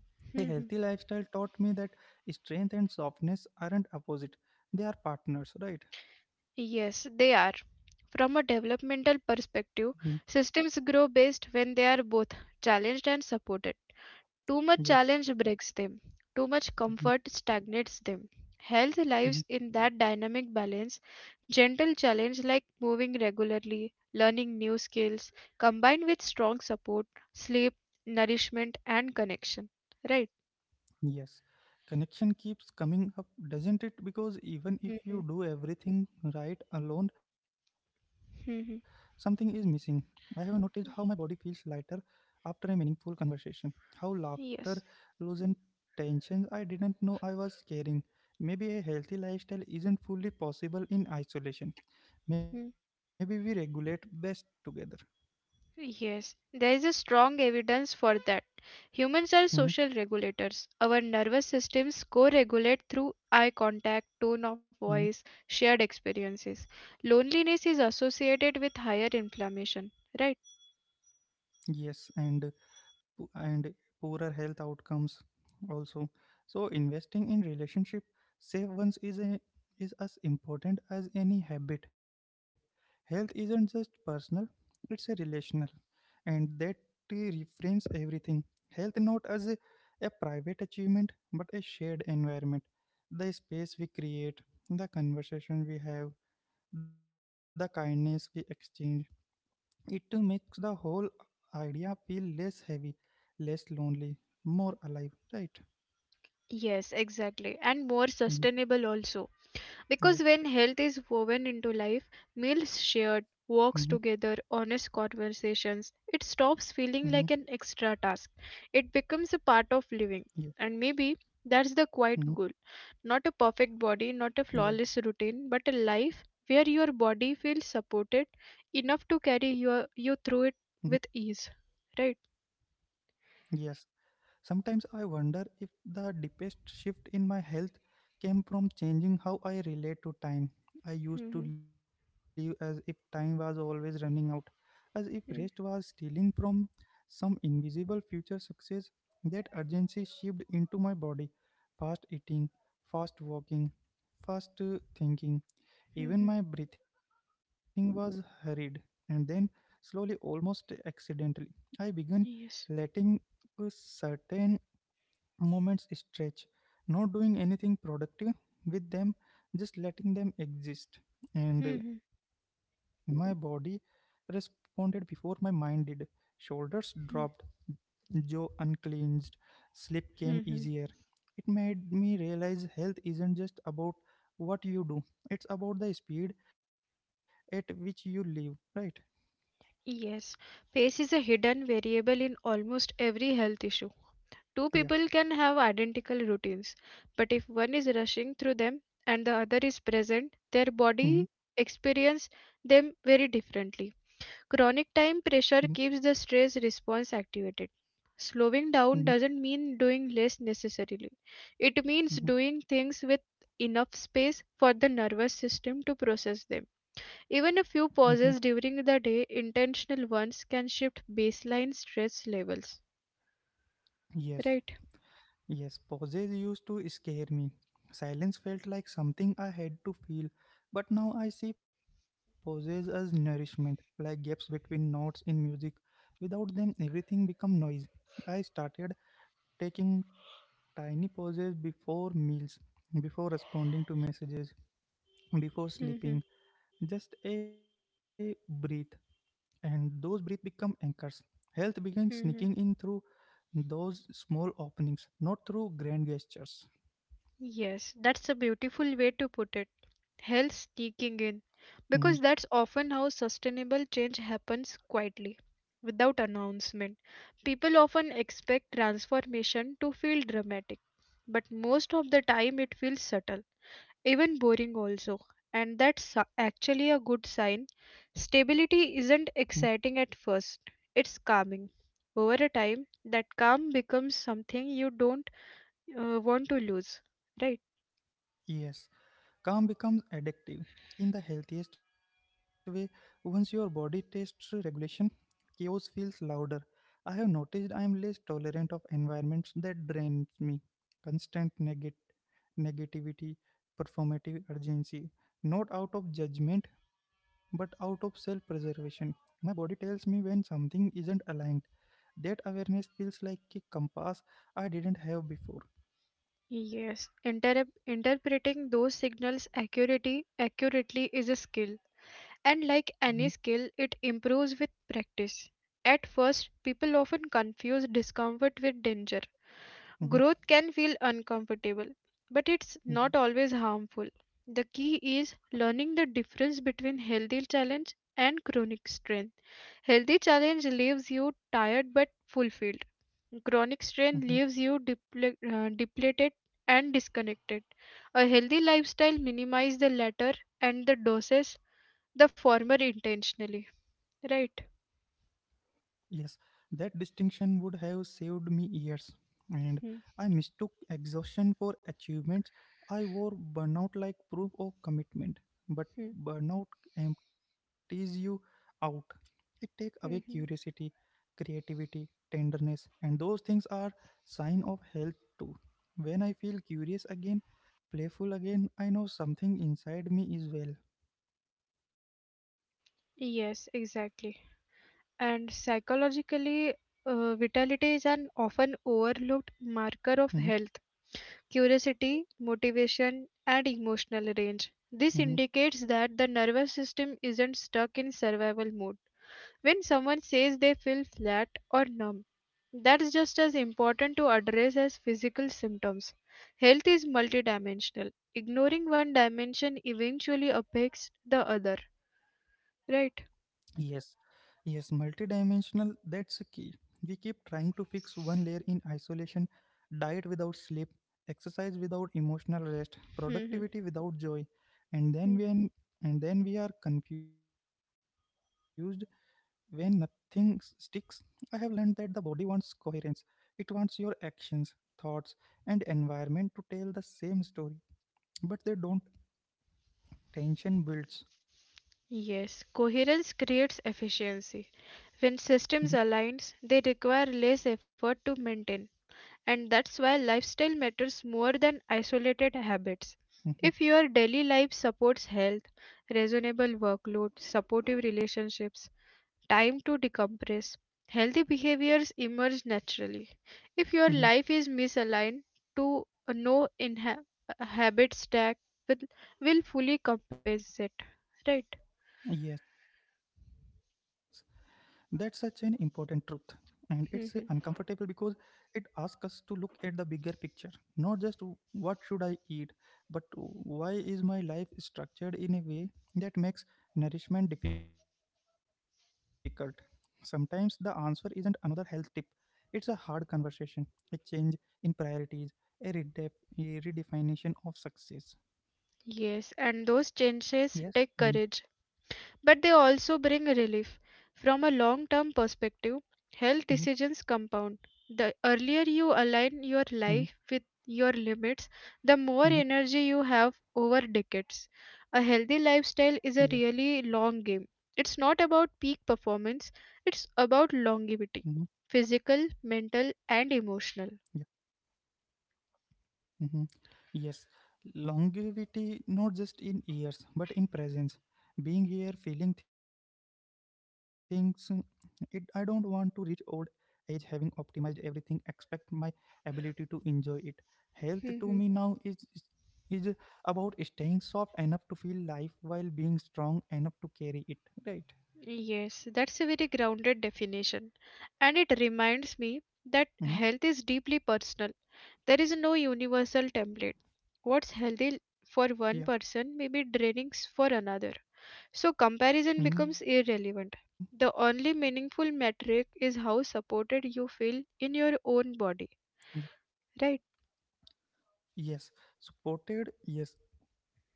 Speaker 1: A healthy
Speaker 2: Mhm.
Speaker 1: lifestyle taught me that strength and softness aren't opposite; they are partners, right?
Speaker 2: Yes, they are. From a
Speaker 1: Mhm.
Speaker 2: developmental perspective, systems grow best when they are both challenged and supported. Too
Speaker 1: Yeah.
Speaker 2: much challenge breaks them, too much
Speaker 1: Mhm.
Speaker 2: comfort stagnates them. Health lives in that dynamic balance. Gentle challenge like moving regularly, learning new skills, combined with strong support, sleep, nourishment, and connection. Right?
Speaker 1: Yes, connection keeps coming up, doesn't it? Because even if you
Speaker 2: hmm
Speaker 1: do everything right alone, something is missing.
Speaker 2: hmm
Speaker 1: I have noticed how my body feels lighter after a meaningful conversation, how laughter
Speaker 2: Yes.
Speaker 1: loosens tensions I didn't know I was carrying. Maybe a healthy lifestyle isn't fully possible in isolation. Maybe we regulate best together.
Speaker 2: Yes, there is a strong evidence for that. Humans
Speaker 1: Mhm,
Speaker 2: are social regulators. Our nervous systems co regulate through eye contact, tone of
Speaker 1: mhm.
Speaker 2: voice, shared experiences. Loneliness is associated with higher inflammation, right?
Speaker 1: Yes, and po- and poorer health outcomes also, so investing in relationship save once is is as important as any habit. Health isn't just personal, it's a relational, and that reframes everything. Health not as a private achievement but a shared environment, the space we create, the conversation we have, the kindness we exchange. It makes the whole idea feel less heavy, less lonely, more alive, right?
Speaker 2: Yes, exactly. And more
Speaker 1: Mhm.
Speaker 2: sustainable also.
Speaker 1: Yeah.
Speaker 2: Because when health is woven into life, meals
Speaker 1: Mm-hmm.
Speaker 2: shared, walks together, honest conversations, it stops
Speaker 1: Mm-hmm.
Speaker 2: feeling like an extra task. It becomes a part of
Speaker 1: Yeah.
Speaker 2: living. And maybe that's the quiet
Speaker 1: Mm-hmm.
Speaker 2: goal. Not a perfect body, not a
Speaker 1: Yeah.
Speaker 2: flawless routine, but a life where your body feels supported enough to carry your,
Speaker 1: Mm-hmm.
Speaker 2: you through it with ease. Right?
Speaker 1: Yes. Sometimes I wonder if the deepest shift in my health came from changing how I relate to time. I used to
Speaker 2: Mm-hmm.
Speaker 1: live as if time was always running out, as if rest was stealing from some invisible future success. That urgency shifted into my body. Fast eating, fast walking, fast thinking, even
Speaker 2: Mm-hmm.
Speaker 1: my breathing was hurried, and then, slowly, almost accidentally, I began
Speaker 2: Yes.
Speaker 1: letting a certain moments stretch, not doing anything productive with them, just letting them exist. And my body responded before my mind did. Shoulders dropped,
Speaker 2: Mm-hmm.
Speaker 1: jaw uncleansed, sleep came easier. It made me realize health isn't just about what you do, it's about the speed at which you live, right?
Speaker 2: Yes, pace is a hidden variable in almost every health issue. Two
Speaker 1: Yeah.
Speaker 2: people can have identical routines, but if one is rushing through them and the other is present, their
Speaker 1: Mm-hmm.
Speaker 2: body experience them very differently. Chronic
Speaker 1: Mm-hmm.
Speaker 2: time pressure keeps the stress response activated. Slowing
Speaker 1: Mm-hmm.
Speaker 2: down doesn't mean doing less necessarily. It means
Speaker 1: Mm-hmm.
Speaker 2: doing things with enough space for the nervous system to process them. Even a
Speaker 1: Mm-hmm.
Speaker 2: few pauses during the day, intentional ones, can shift baseline stress levels.
Speaker 1: Yes.
Speaker 2: Right?
Speaker 1: Yes, pauses used to scare me. Silence felt like something I had to feel, but now I see pauses as nourishment, like gaps between notes in music. Without them, everything become noise. I started taking tiny pauses before meals, before responding to messages, before sleeping,
Speaker 2: Mhm,
Speaker 1: just a breath, and those breath become anchors. Health began sneaking in
Speaker 2: mhm.
Speaker 1: through those small openings, not through grand gestures.
Speaker 2: Yes, that's a beautiful way to put it. Health sneaking in.
Speaker 1: Mm-hmm.
Speaker 2: Because that's often how sustainable change happens quietly, without announcement. People often expect transformation to feel dramatic, but most of the time it feels subtle, even boring also, and actually a good sign. Stability
Speaker 1: Mm.
Speaker 2: isn't exciting at first, it's calming. Over a time that calm becomes something you don't want to lose, right?
Speaker 1: Yes, calm becomes addictive in the healthiest way. Once your body tastes regulation, chaos feels louder. I have noticed I am less tolerant of environments that drains me. Constant negativity, performative urgency, not out of judgment but out of self preservation. My body tells me when something isn't aligned. That awareness feels like a compass I didn't have before.
Speaker 2: Yes. Interpreting those signals accuracy accurately is a skill,
Speaker 1: Mhm,
Speaker 2: and like any skill it improves with practice. At first people often confuse discomfort with danger.
Speaker 1: mhm,
Speaker 2: Growth can feel uncomfortable, but it's
Speaker 1: mhm,
Speaker 2: not always harmful. The key is learning the difference between healthy challenge and chronic strain. Healthy challenge leaves you tired but fulfilled. Chronic
Speaker 1: mhm.
Speaker 2: strain leaves you depleted and disconnected. A healthy lifestyle minimizes the latter and the doses the former intentionally. Right?
Speaker 1: Yes, that distinction would have saved me years. And
Speaker 2: Hmm,
Speaker 1: I mistook exhaustion for achievements. I wore burnout like proof of commitment. But
Speaker 2: hmm,
Speaker 1: burnout empties you out. It takes away
Speaker 2: hmm, hmm.
Speaker 1: curiosity, creativity, tenderness, and those things are sign of health too. When I feel curious again, playful again, I know something inside me is well.
Speaker 2: Yes, exactly. And psychologically, vitality is an often overlooked marker of health, curiosity, motivation, and emotional range. This
Speaker 1: (laughs)
Speaker 2: indicates that the nervous system isn't stuck in survival mode. When someone says they feel flat or numb, that's just as important to address as physical symptoms. Health is multidimensional. Ignoring one dimension eventually affects the other. Right?
Speaker 1: Yes, yes, multidimensional, that's a key. We keep trying to fix one layer in isolation, diet without sleep, exercise without emotional rest, productivity without joy. And then
Speaker 2: (laughs)
Speaker 1: when and then we are confused when nothing s- sticks. I have learned that the body wants coherence. It wants your actions, thoughts, and environment to tell the same story, but they don't. Tension builds.
Speaker 2: Yes, coherence creates efficiency.
Speaker 1: Hmm.
Speaker 2: When systems align, they require less effort to maintain, and that's why lifestyle matters more than isolated habits.
Speaker 1: Hmm.
Speaker 2: If your daily life supports health, reasonable workload, supportive relationships, time to decompress, healthy behaviors emerge naturally.
Speaker 1: Hmm.
Speaker 2: If your life is misaligned, to no inha- habit stack will, will fully compensate, right?
Speaker 1: Yes. That's such an important truth. And it's uncomfortable because it asks us to look at the bigger picture. Not just what should I eat, but why is my life structured in a way that makes nourishment difficult? Sometimes the answer isn't another health tip. It's a hard conversation, a change in priorities, a, a redefinition of success.
Speaker 2: Yes, and those changes
Speaker 1: Yes.
Speaker 2: take
Speaker 1: Mm-hmm.
Speaker 2: courage, but they also bring relief. From a long term
Speaker 1: Mm-hmm.
Speaker 2: perspective, health decisions compound. The earlier you align
Speaker 1: Mm-hmm.
Speaker 2: your life with your limits, the
Speaker 1: Mm-hmm.
Speaker 2: more energy you have over decades. A healthy lifestyle is a
Speaker 1: Yeah.
Speaker 2: really long game. It's not about peak performance,
Speaker 1: Mm-hmm.
Speaker 2: it's about longevity, physical, mental, and
Speaker 1: Yeah.
Speaker 2: emotional.
Speaker 1: Mhm. Yes, longevity not just in years but in presence. Being here, feeling things. I don't want to reach old age having optimized everything, expect my ability to enjoy it. Health to me now
Speaker 2: (laughs)
Speaker 1: is about staying soft enough to feel life while being strong enough to carry it. Right?
Speaker 2: Yes, that's a very grounded definition. And it reminds
Speaker 1: Mm-hmm.
Speaker 2: me that health is deeply personal. There is no universal template. What's healthy for
Speaker 1: Yeah.
Speaker 2: one person may be for another. So comparison
Speaker 1: Mm-hmm.
Speaker 2: becomes irrelevant. The only meaningful metric is how supported you feel in your own body, right?
Speaker 1: Yeah. Yes. Supported. Yes.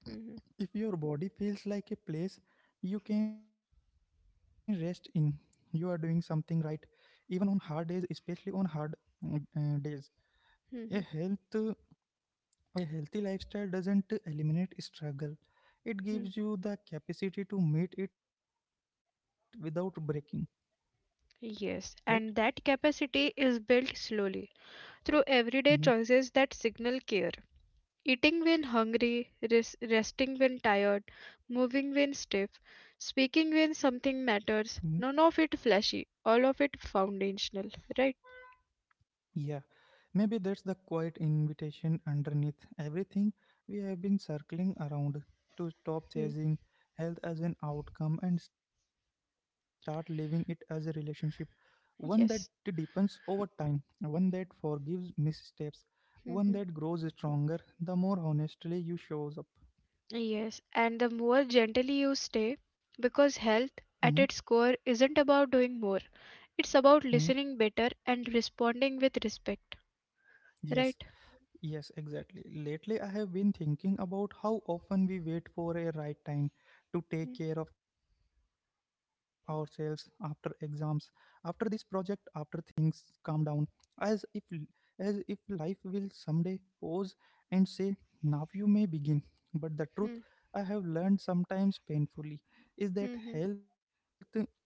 Speaker 2: Mhm,
Speaker 1: If your body feels like a place you can rest in, you are doing something right, even on hard days, especially on hard days. A
Speaker 2: mhm,
Speaker 1: health, a healthy lifestyle doesn't eliminate struggle. It
Speaker 2: mhm.
Speaker 1: gives you the capacity to meet it without breaking, right?
Speaker 2: Yes, and that capacity is built slowly through
Speaker 1: Mhm.
Speaker 2: everyday choices that signal care. Eating when hungry, resting when tired, moving when stiff, speaking when something matters, none of it flashy, all of it foundational, right?
Speaker 1: Yeah, maybe that's the quiet invitation underneath everything we have been circling around to stop
Speaker 2: Hmm.
Speaker 1: chasing health as an outcome and start living it as a relationship, one that it deepens
Speaker 2: Yes.
Speaker 1: over time, one that forgives missteps, one that
Speaker 2: hmm
Speaker 1: grows stronger the more honestly you shows up.
Speaker 2: Yes. And the more gently you stay, because
Speaker 1: Mm-hmm.
Speaker 2: health at its core isn't about doing more, it's
Speaker 1: Mm-hmm.
Speaker 2: about listening better and responding with respect,
Speaker 1: Yes.
Speaker 2: right?
Speaker 1: Yes, exactly. Lately, I have been thinking about how often we wait for a right time to take care of ourselves after exams, after this project, after things calm down, as if l- as if life will someday pause and say, "Now you may begin." But the truth
Speaker 2: Mm-hmm.
Speaker 1: I have learned sometimes painfully is that
Speaker 2: Mm-hmm.
Speaker 1: health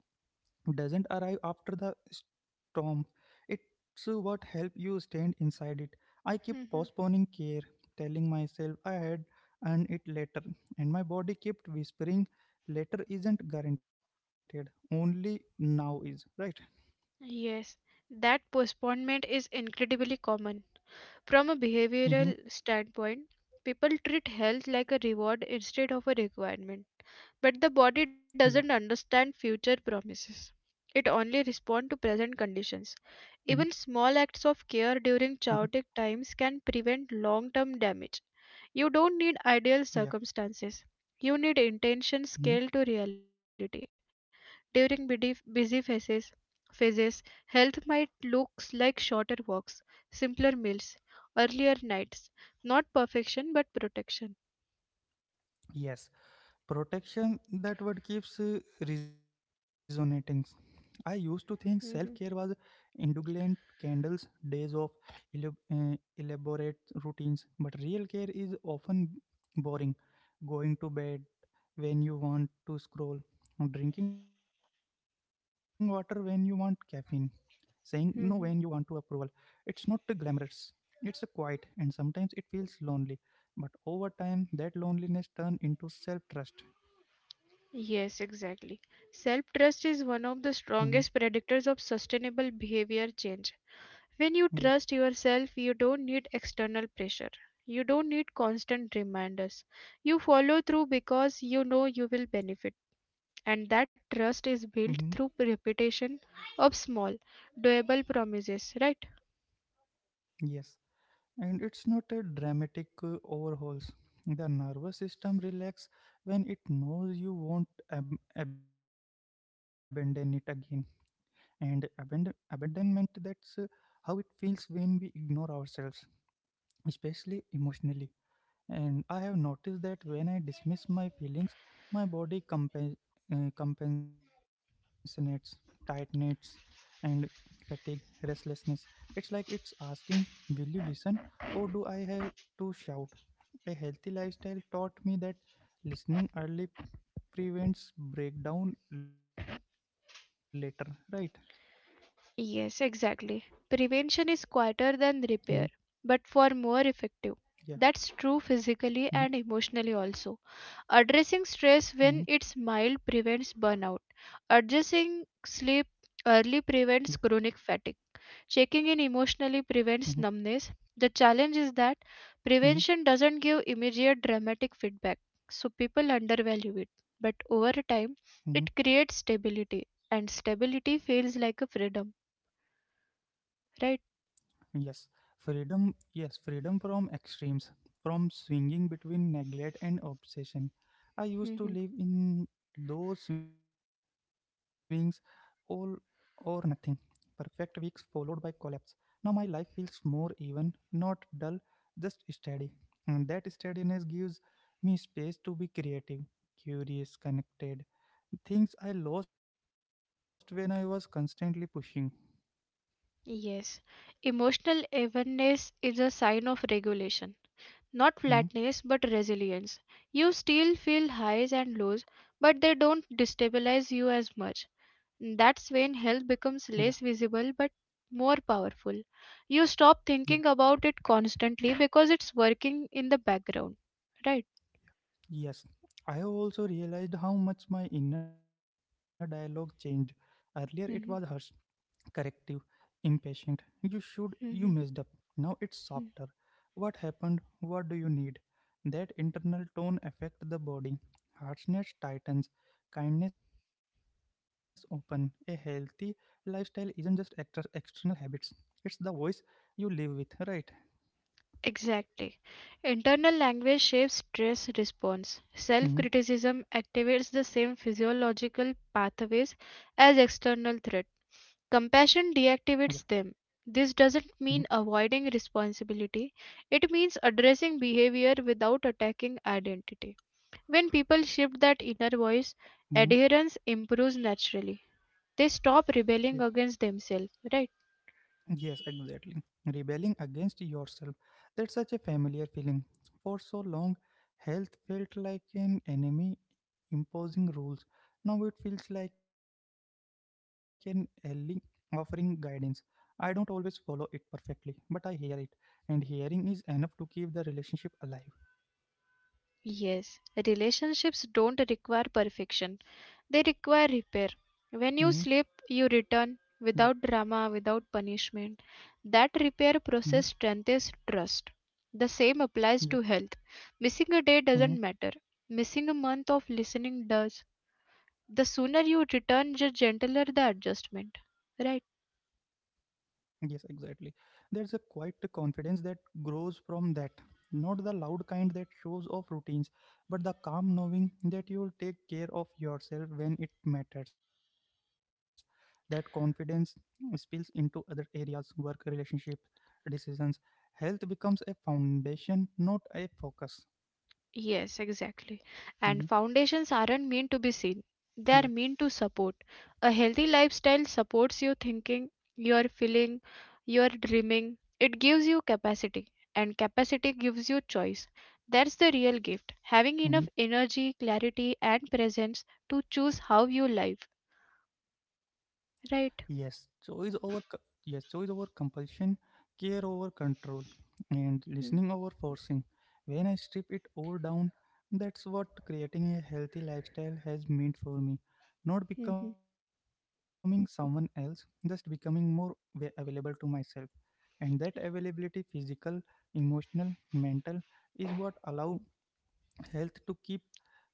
Speaker 1: doesn't arrive after the storm. It's what help you stand inside it. I keep postponing care, telling myself I had and it later, and my body kept whispering, "Later isn't guaranteed. Only now is." Right?
Speaker 2: Yes, that postponement is incredibly common. From a
Speaker 1: Mm-hmm.
Speaker 2: behavioral standpoint, people treat health like a reward instead of a requirement. But the body doesn't
Speaker 1: Yeah.
Speaker 2: understand future promises. It only responds to
Speaker 1: Mm-hmm.
Speaker 2: present conditions. Even small acts of
Speaker 1: Mm-hmm.
Speaker 2: care during chaotic times can prevent long term damage. You don't need ideal
Speaker 1: Yeah.
Speaker 2: circumstances. You need intention
Speaker 1: Mm-hmm.
Speaker 2: scaled to reality. During busy phases, phases, health might looks like shorter walks, simpler meals, earlier nights. Not perfection, but protection.
Speaker 1: Yes. Protection, that word keeps resonating. I used to think self-care was
Speaker 2: hmm
Speaker 1: indulgent, candles, days of elab- uh, elaborate routines, but real care is often boring. Going to bed when you want to scroll, drinking water when you want caffeine, saying no when you want to approval.
Speaker 2: hmm
Speaker 1: It's not glamorous, it's a quiet, and sometimes it feels lonely, but over time that loneliness turns into self-trust.
Speaker 2: Yes, exactly. Self trust
Speaker 1: Hmm.
Speaker 2: is one of the strongest predictors of sustainable behavior change.
Speaker 1: Yeah.
Speaker 2: When you trust yourself, you don't need external pressure. You don't need constant reminders. You follow through because you know you will benefit, and that
Speaker 1: Hmm.
Speaker 2: trust is built through repetition of small, doable promises, right?
Speaker 1: Yes. And it's not a dramatic overhauls. The nervous system relax when it knows you won't abandon it again. And abandonment, that's how it feels when we ignore ourselves, especially emotionally. And I have noticed that when I dismiss my feelings, my body compensates, tightens, and fatigue, restlessness. It's like it's asking, "Will you listen? Or do I have to shout?" A healthy lifestyle taught me that listening early prevents breakdown later, right?
Speaker 2: Yes, exactly. Prevention is quieter than
Speaker 1: Mhm.
Speaker 2: repair, but for more effective.
Speaker 1: Yeah.
Speaker 2: That's true physically
Speaker 1: Mhm.
Speaker 2: and emotionally also. Addressing stress when
Speaker 1: Mhm.
Speaker 2: it's mild prevents burnout. Addressing sleep
Speaker 1: Yeah.
Speaker 2: early prevents chronic fatigue. Checking in emotionally
Speaker 1: Mhm.
Speaker 2: prevents numbness. The challenge is that
Speaker 1: Mhm.
Speaker 2: prevention doesn't give immediate dramatic feedback, so people undervalue it. But over time,
Speaker 1: Mhm.
Speaker 2: it creates stability, and stability feels like a freedom, right?
Speaker 1: Yes, freedom. Yes, freedom from extremes, from swinging between neglect and obsession. I used to
Speaker 2: Mhm.
Speaker 1: live in those swings, all or nothing, perfect weeks followed by collapse. Now my life feels more even, not dull, just steady. And that steadiness gives me space to be creative, curious, connected. Things I lost when I was constantly pushing.
Speaker 2: Yes. Emotional evenness is a sign of regulation, not
Speaker 1: Hmm.
Speaker 2: flatness but resilience. You still feel highs and lows, but they don't destabilize you as much.
Speaker 1: Yeah,
Speaker 2: That's when health becomes less visible but more powerful. You
Speaker 1: yeah.
Speaker 2: stop thinking about it constantly because it's working in the background, right?
Speaker 1: Yes, I have also realized how much my inner dialogue changed. Earlier it was harsh,
Speaker 2: hmm
Speaker 1: corrective, impatient. "You should, you
Speaker 2: hmm
Speaker 1: messed up." Now it's
Speaker 2: hmm
Speaker 1: softer. "What happened? What do you need?" That internal tone affects the body. Harshness tightens, kindness open. A healthy lifestyle isn't just extra, external habits. It's the voice you live with, right?
Speaker 2: Exactly. Internal language shapes stress response. Self
Speaker 1: Hmm.
Speaker 2: criticism activates the same physiological pathways as external threat.
Speaker 1: Yeah.
Speaker 2: Compassion deactivates them. This
Speaker 1: Hmm.
Speaker 2: doesn't mean avoiding responsibility, it means addressing behavior without attacking identity. When people shift that inner voice,
Speaker 1: Hmm.
Speaker 2: adherence improves naturally. They stop rebelling against themselves, right?
Speaker 1: Yes, exactly. Rebelling against yourself. That's such a familiar feeling. For so long, health felt like an enemy imposing rules. Now it feels like an ally offering guidance. I don't always follow it perfectly, but I hear it, and hearing is enough to keep the relationship alive.
Speaker 2: Yes, relationships don't require perfection, they
Speaker 1: Hmm.
Speaker 2: require repair. When you slip,
Speaker 1: Yeah.
Speaker 2: you return without drama, without punishment. That
Speaker 1: Hmm.
Speaker 2: repair process strengthens trust. The same
Speaker 1: Yeah.
Speaker 2: applies to health. Missing a day
Speaker 1: Mm-hmm.
Speaker 2: doesn't matter, missing a month of listening does. The sooner you return, the gentler the adjustment, right?
Speaker 1: Yes, exactly. There's a quiet confidence that grows from that. Not the loud kind that shows off routines, but the calm knowing that you'll take care of yourself when it matters. That confidence spills into other areas, work, relationship, decisions. Health becomes a foundation, not a focus.
Speaker 2: Yes, exactly. And
Speaker 1: Mhm.
Speaker 2: foundations aren't meant to be seen, they are
Speaker 1: Yeah.
Speaker 2: meant to support. A healthy lifestyle supports your thinking, your feeling, your dreaming. It gives you capacity, and capacity gives you choice. That's the real gift, having
Speaker 1: Mhm.
Speaker 2: enough energy, clarity, and presence to choose how you live.
Speaker 1: Yes,
Speaker 2: Right?
Speaker 1: yes, choice over compulsion, care over control, and listening over
Speaker 2: Mm,
Speaker 1: forcing. When I strip it all down, that's what creating a healthy lifestyle has meant for me. Not
Speaker 2: mhm,
Speaker 1: becoming someone else, just becoming more available to myself. And that availability, physical, emotional, mental, is what allow health to keep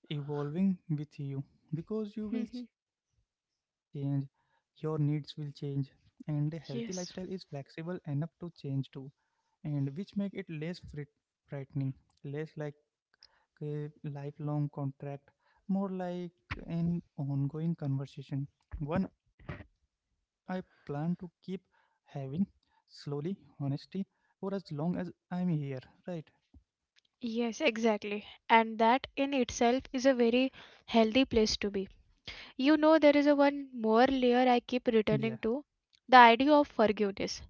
Speaker 1: evolving with you because you will
Speaker 2: mhm,
Speaker 1: change, your needs will change, and a healthy lifestyle is
Speaker 2: yes.
Speaker 1: flexible enough to change too, and which make it less frightening, less like a lifelong contract, more like an ongoing conversation. One I plan to keep having slowly, honesty for as long as I'm here, right?
Speaker 2: Yes, exactly. And that in itself is a very healthy place to be. You know, there is a one
Speaker 1: Yeah.
Speaker 2: more layer I keep returning to, the idea of
Speaker 1: Mm-hmm.
Speaker 2: forgiveness.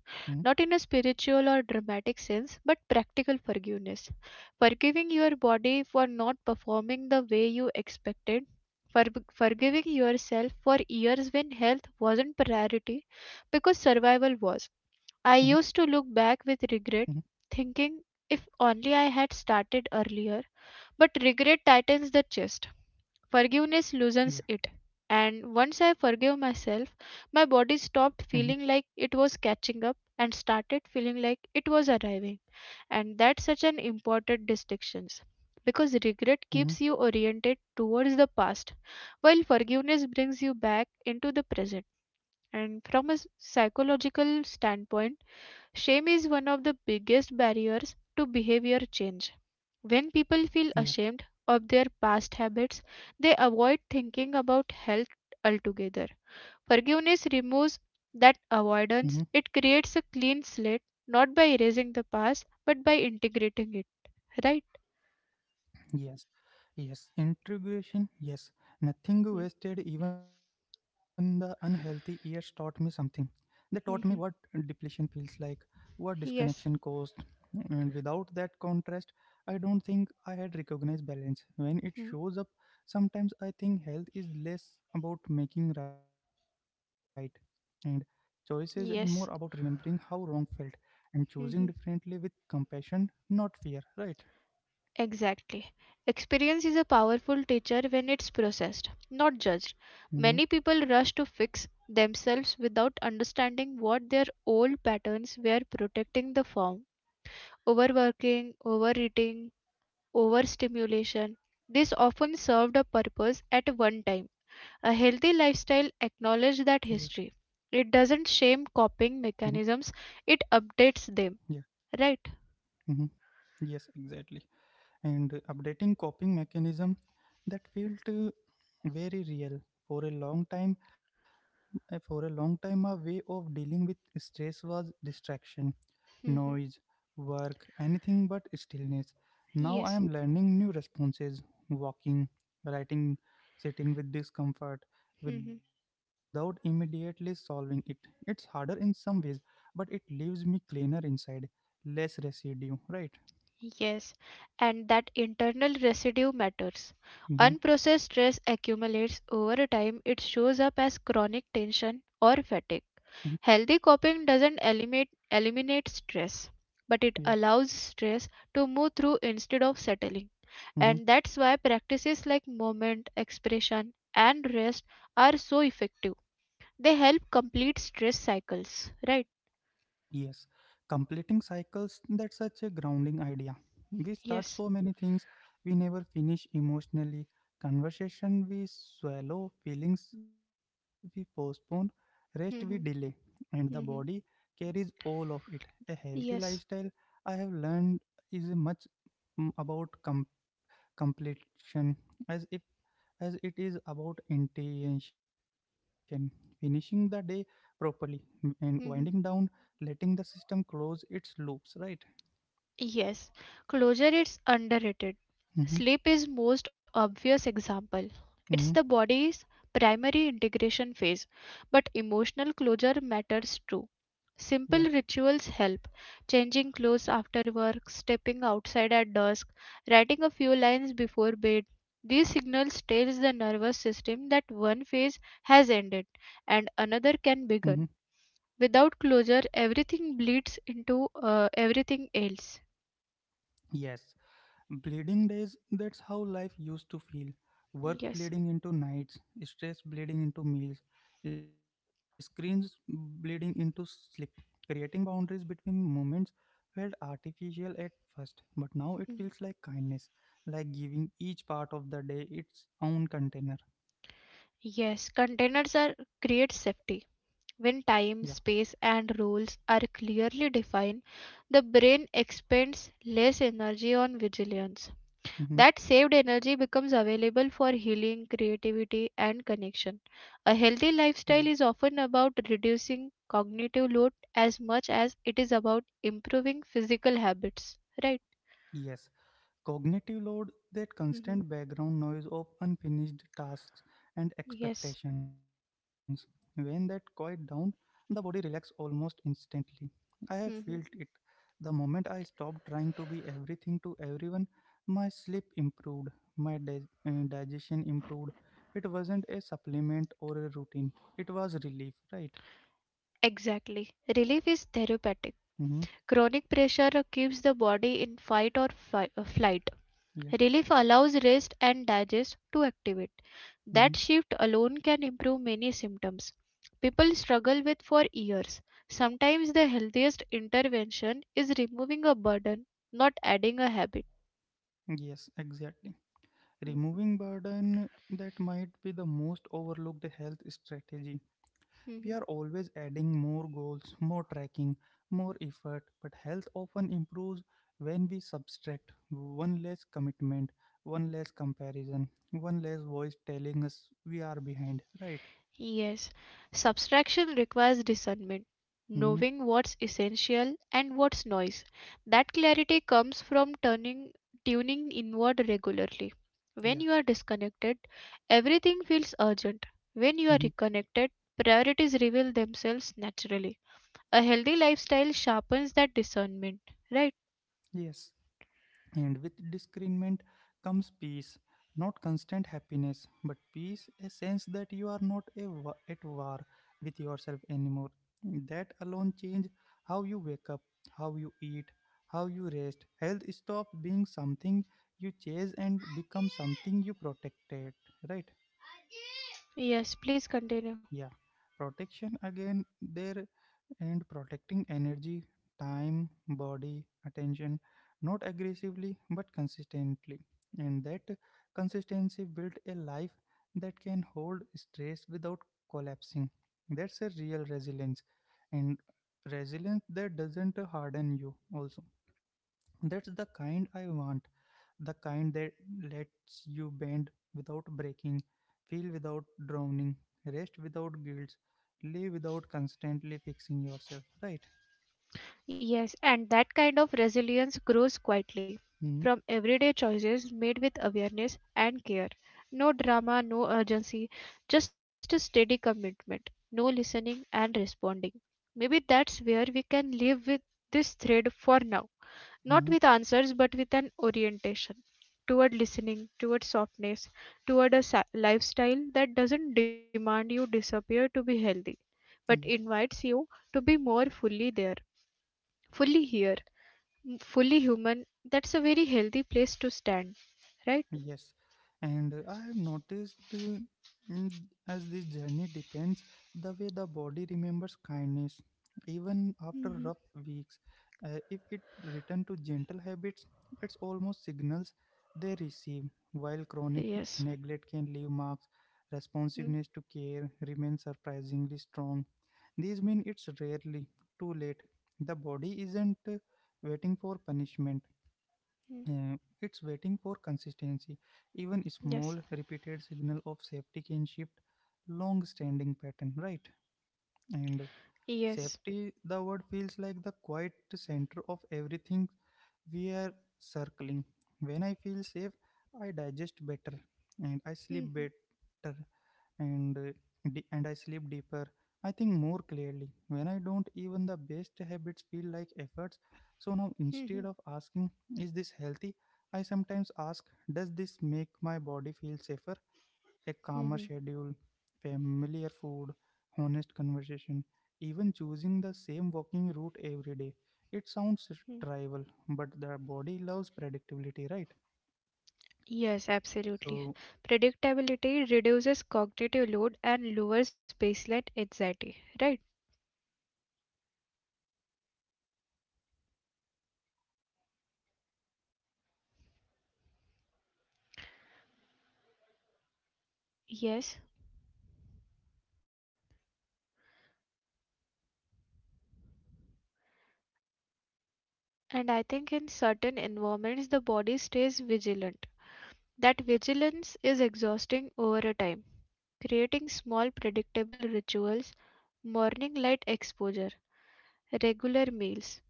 Speaker 2: Not in a spiritual or dramatic sense, but practical forgiveness. Forgiving your body for not performing the way you expected. For, Forgiving yourself for years when health wasn't priority because
Speaker 1: Mm-hmm.
Speaker 2: survival was. I used to look back
Speaker 1: Mm-hmm.
Speaker 2: with regret, thinking if only I had started earlier. But regret tightens the chest. Forgiveness
Speaker 1: Yeah.
Speaker 2: loosens it. And once I
Speaker 1: Mm-hmm.
Speaker 2: forgave myself, my body stopped feeling like it was catching up and started feeling like it was arriving. And that's such an important distinction because
Speaker 1: Mhm.
Speaker 2: regret keeps you oriented towards the past, while forgiveness brings you back into the present. And from a psychological standpoint, shame is one of the biggest barriers to behavior change when
Speaker 1: Yeah.
Speaker 2: people feel ashamed of their past habits, they avoid thinking about health altogether. Forgiveness removes
Speaker 1: Mhm.
Speaker 2: that avoidance, it creates a clean slate, not by erasing the past, but by integrating it. Right?
Speaker 1: Yes, yes, integration, yes. Nothing
Speaker 2: Mm,
Speaker 1: wasted, even the unhealthy years taught me something. They taught me what
Speaker 2: mhm.
Speaker 1: depletion feels like, what disconnection
Speaker 2: Yes.
Speaker 1: caused, and without that contrast, I don't think I had recognized balance. When it
Speaker 2: Mm,
Speaker 1: shows up, sometimes I think health is less about making right and choices and more about remembering
Speaker 2: yes.
Speaker 1: how wrong felt and choosing
Speaker 2: Mhm.
Speaker 1: differently with compassion, not fear, right?
Speaker 2: Exactly. Experience is a powerful teacher when it's processed, not judged.
Speaker 1: Mm-hmm.
Speaker 2: Many people rush to fix themselves without understanding what their old patterns were protecting the form. Overworking, overeating, overstimulation. This often served a purpose at one time. A healthy
Speaker 1: Yeah.
Speaker 2: lifestyle acknowledges that history. It doesn't
Speaker 1: Mhm.
Speaker 2: shame coping mechanisms, it
Speaker 1: Yeah.
Speaker 2: updates them. Right?
Speaker 1: Hmm. Yes, exactly. And updating coping mechanism that felt very real for a long time. For a long time, a way of dealing with stress was distraction,
Speaker 2: Mhm.
Speaker 1: noise, work, anything but stillness. Now I
Speaker 2: Yes.
Speaker 1: am learning new responses: walking, writing, sitting with discomfort,
Speaker 2: Mhm.
Speaker 1: without immediately solving it. It's harder in some ways, but it leaves me cleaner inside, less residue. Right.
Speaker 2: Yes, and that internal residue matters.
Speaker 1: Mm-hmm.
Speaker 2: Unprocessed stress accumulates over time, it shows up as chronic tension or
Speaker 1: Mm-hmm.
Speaker 2: fatigue. Healthy coping doesn't eliminate stress,
Speaker 1: Yeah.
Speaker 2: but it allows stress to move through instead of settling.
Speaker 1: Mm-hmm.
Speaker 2: And that's why practices like movement, expression, and rest are so effective. They help complete stress cycles, right?
Speaker 1: Yes. Completing cycles, that's such a grounding idea. We start so
Speaker 2: Yes.
Speaker 1: many things we never finish emotionally. Conversation we swallow, feelings we postpone, rest we delay, and the body carries all of it. A healthy
Speaker 2: (laughs) Yes.
Speaker 1: lifestyle, I have learned, is much about completion as if as it is about intention, finishing the day properly and winding down,
Speaker 2: (laughs)
Speaker 1: letting the system close its loops, right?
Speaker 2: Yes, closure is underrated.
Speaker 1: Mm-hmm.
Speaker 2: Sleep is most obvious example. It's the
Speaker 1: Mm-hmm.
Speaker 2: body's primary integration phase, but emotional closure matters too.
Speaker 1: Yeah.
Speaker 2: Simple rituals help. Changing clothes after work, stepping outside at dusk, writing a few lines before bed. These signals tells the nervous system that one phase has ended and
Speaker 1: Mm-hmm.
Speaker 2: another can begin. Without closure, everything bleeds into everything else.
Speaker 1: Yes. Bleeding days, that's how life used to feel. Work
Speaker 2: Yes.
Speaker 1: bleeding into nights, stress bleeding into meals, screens bleeding into sleep, creating boundaries between moments felt artificial at first, but now it feels
Speaker 2: Mm.
Speaker 1: like kindness, like giving each part of the day its own container.
Speaker 2: Yes, containers are create safety.
Speaker 1: Yeah.
Speaker 2: When time, space and rules are clearly defined, the brain expends less energy on vigilance.
Speaker 1: Hmm.
Speaker 2: That saved energy becomes available for healing, creativity and connection. A
Speaker 1: Yeah.
Speaker 2: healthy lifestyle is often about reducing cognitive load as much as it is about improving physical habits, right?
Speaker 1: Yes. Cognitive load, that
Speaker 2: Mhm.
Speaker 1: constant background noise of unfinished tasks and
Speaker 2: Yes.
Speaker 1: expectations. When that quiet down, the body relax almost instantly. I have felt it.
Speaker 2: Mhm.
Speaker 1: The moment I stopped trying to be everything to everyone, my sleep improved, my digestion improved. It wasn't a supplement or a routine, it was relief, right?
Speaker 2: Exactly. Relief is therapeutic.
Speaker 1: Mm-hmm.
Speaker 2: Chronic pressure keeps the body in fight or flight.
Speaker 1: Yeah.
Speaker 2: Relief allows rest and digest to activate.
Speaker 1: Mm-hmm.
Speaker 2: That shift alone can improve many symptoms people struggle with for years. Sometimes the healthiest intervention is removing a burden, not adding a habit.
Speaker 1: Yes, exactly. Removing burden that might be the most overlooked health strategy. We are
Speaker 2: (laughs)
Speaker 1: always adding more goals, more tracking, more effort, but health often improves when we subtract, one less commitment, one less comparison, one less voice telling us we are behind, right?
Speaker 2: Yes, subtraction requires discernment,
Speaker 1: Mm-hmm.
Speaker 2: knowing what's essential and what's noise. That clarity comes from turning tuning inward regularly. When
Speaker 1: Yeah.
Speaker 2: you are disconnected, everything feels urgent. When you are
Speaker 1: Hmm.
Speaker 2: reconnected, priorities reveal themselves naturally. A healthy lifestyle sharpens that discernment, right?
Speaker 1: Yes. And with discernment comes peace, not constant happiness, but peace, a sense that you are not at war with yourself anymore. That alone change how you wake up, how you eat, how you rest. Health stops being something you chase and becomes something you protected, right?
Speaker 2: Yes, please continue.
Speaker 1: Yeah. Protection again there, and protecting energy, time, body, attention, not aggressively but consistently. And that consistency built a life that can hold stress without collapsing. That's a real resilience, and resilience that doesn't harden you, also. That's the kind I want. The kind that lets you bend without breaking, feel without drowning, rest without guilt, live without constantly fixing yourself, right?
Speaker 2: Yes, and that kind of resilience grows quietly from everyday choices made with awareness and care. No drama, no urgency, just a steady commitment, no listening and responding. Maybe that's where we can live with this thread for now. Not
Speaker 1: Mm-hmm.
Speaker 2: with answers, but with an orientation toward listening, toward softness, toward a lifestyle that doesn't demand you disappear to be healthy, but
Speaker 1: Yeah.
Speaker 2: invites you to be more fully there fully here, fully human, that's a very healthy place to stand, right?
Speaker 1: Yes, and I have noticed mm, as this journey depends, the way the body remembers kindness, even
Speaker 2: Hmm.
Speaker 1: after rough weeks. If it return to gentle habits, it's almost signals they receive. While chronic
Speaker 2: Yes.
Speaker 1: neglect can leave marks,
Speaker 2: Hmm.
Speaker 1: responsiveness to care remains surprisingly strong. These mean it's rarely too late. The body isn't waiting for punishment. Uh, it's waiting for consistency. Even small
Speaker 2: Yes.
Speaker 1: repeated signal of safety can shift long-standing pattern, right? And
Speaker 2: Yes.
Speaker 1: safety, the word feels like the quiet center of everything we are circling. When I feel safe, I digest better and I sleep
Speaker 2: Mhm.
Speaker 1: better and uh, and I sleep deeper. I think more clearly. When I don't, even the best habits feel like efforts. So now,
Speaker 2: Mhm.
Speaker 1: instead of asking, "Is this healthy?" I sometimes ask, "Does this make my body feel safer?" A calmer
Speaker 2: Mhm.
Speaker 1: schedule.
Speaker 2: Mhm. Yes, absolutely. Predictability reduces cognitive load and lowers baseline anxiety, right? Yes. And I think in certain environments, the body stays vigilant. That vigilance is exhausting over a time. Creating small predictable rituals, morning light exposure, regular meals,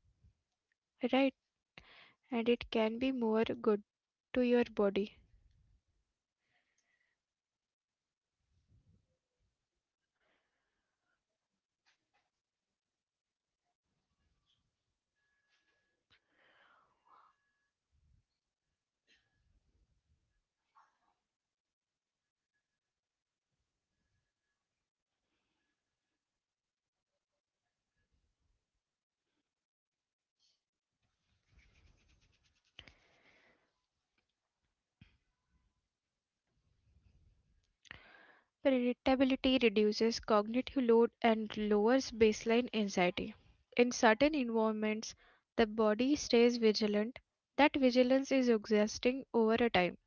Speaker 2: right? And it can be more good to your body. Predictability reduces cognitive load and lowers baseline anxiety. In certain environments, the body stays vigilant. That vigilance is exhausting over a time.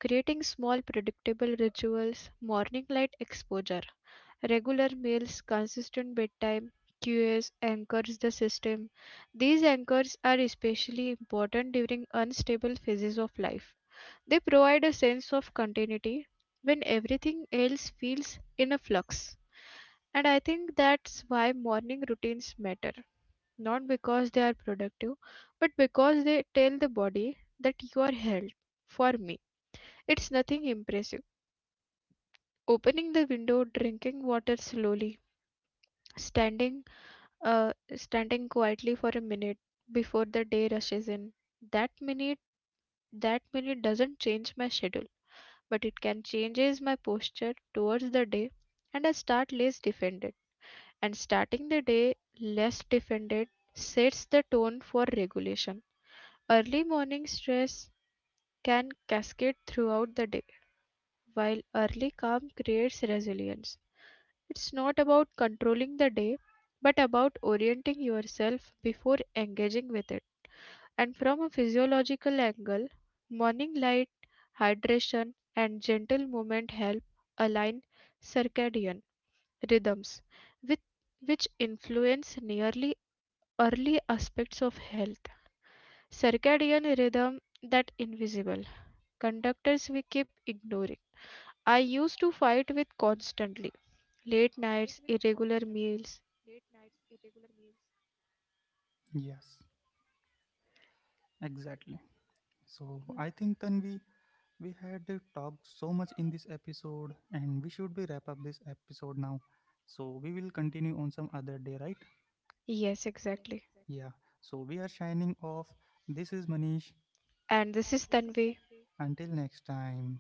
Speaker 2: Creating small predictable rituals, morning light exposure, regular meals, consistent bedtime, QS anchors the system. These anchors are especially important during unstable phases of life. They provide a sense of continuity when everything else feels in a flux. And I think that's why morning routines matter. Not because they are productive, but because they tell the body that you are held. For me, it's nothing impressive. Opening the window, drinking water slowly, standing standing quietly for a minute before the day rushes in. That minute, that minute doesn't change my schedule, but it can changes my posture towards the day, and I start less defended. And starting the day less defended sets the tone for regulation. Early morning stress can cascade throughout the day while early calm creates resilience. It's not about controlling the day, but about orienting yourself before engaging with it. And from a physiological angle, morning light, hydration, and gentle movement help align circadian rhythms, with, which influence nearly early aspects of health. Circadian rhythm that invisible conductors we keep ignoring. I used to fight with constantly. Late nights, irregular meals.
Speaker 1: Yes, exactly. So I think then we had talked so much in this episode, and we should be wrap up this episode now. So we will continue on some other day, right?
Speaker 2: Yes, exactly.
Speaker 1: Yeah. So we are shining off. This is Manish.
Speaker 2: And this is Tanvi.
Speaker 1: Until next time.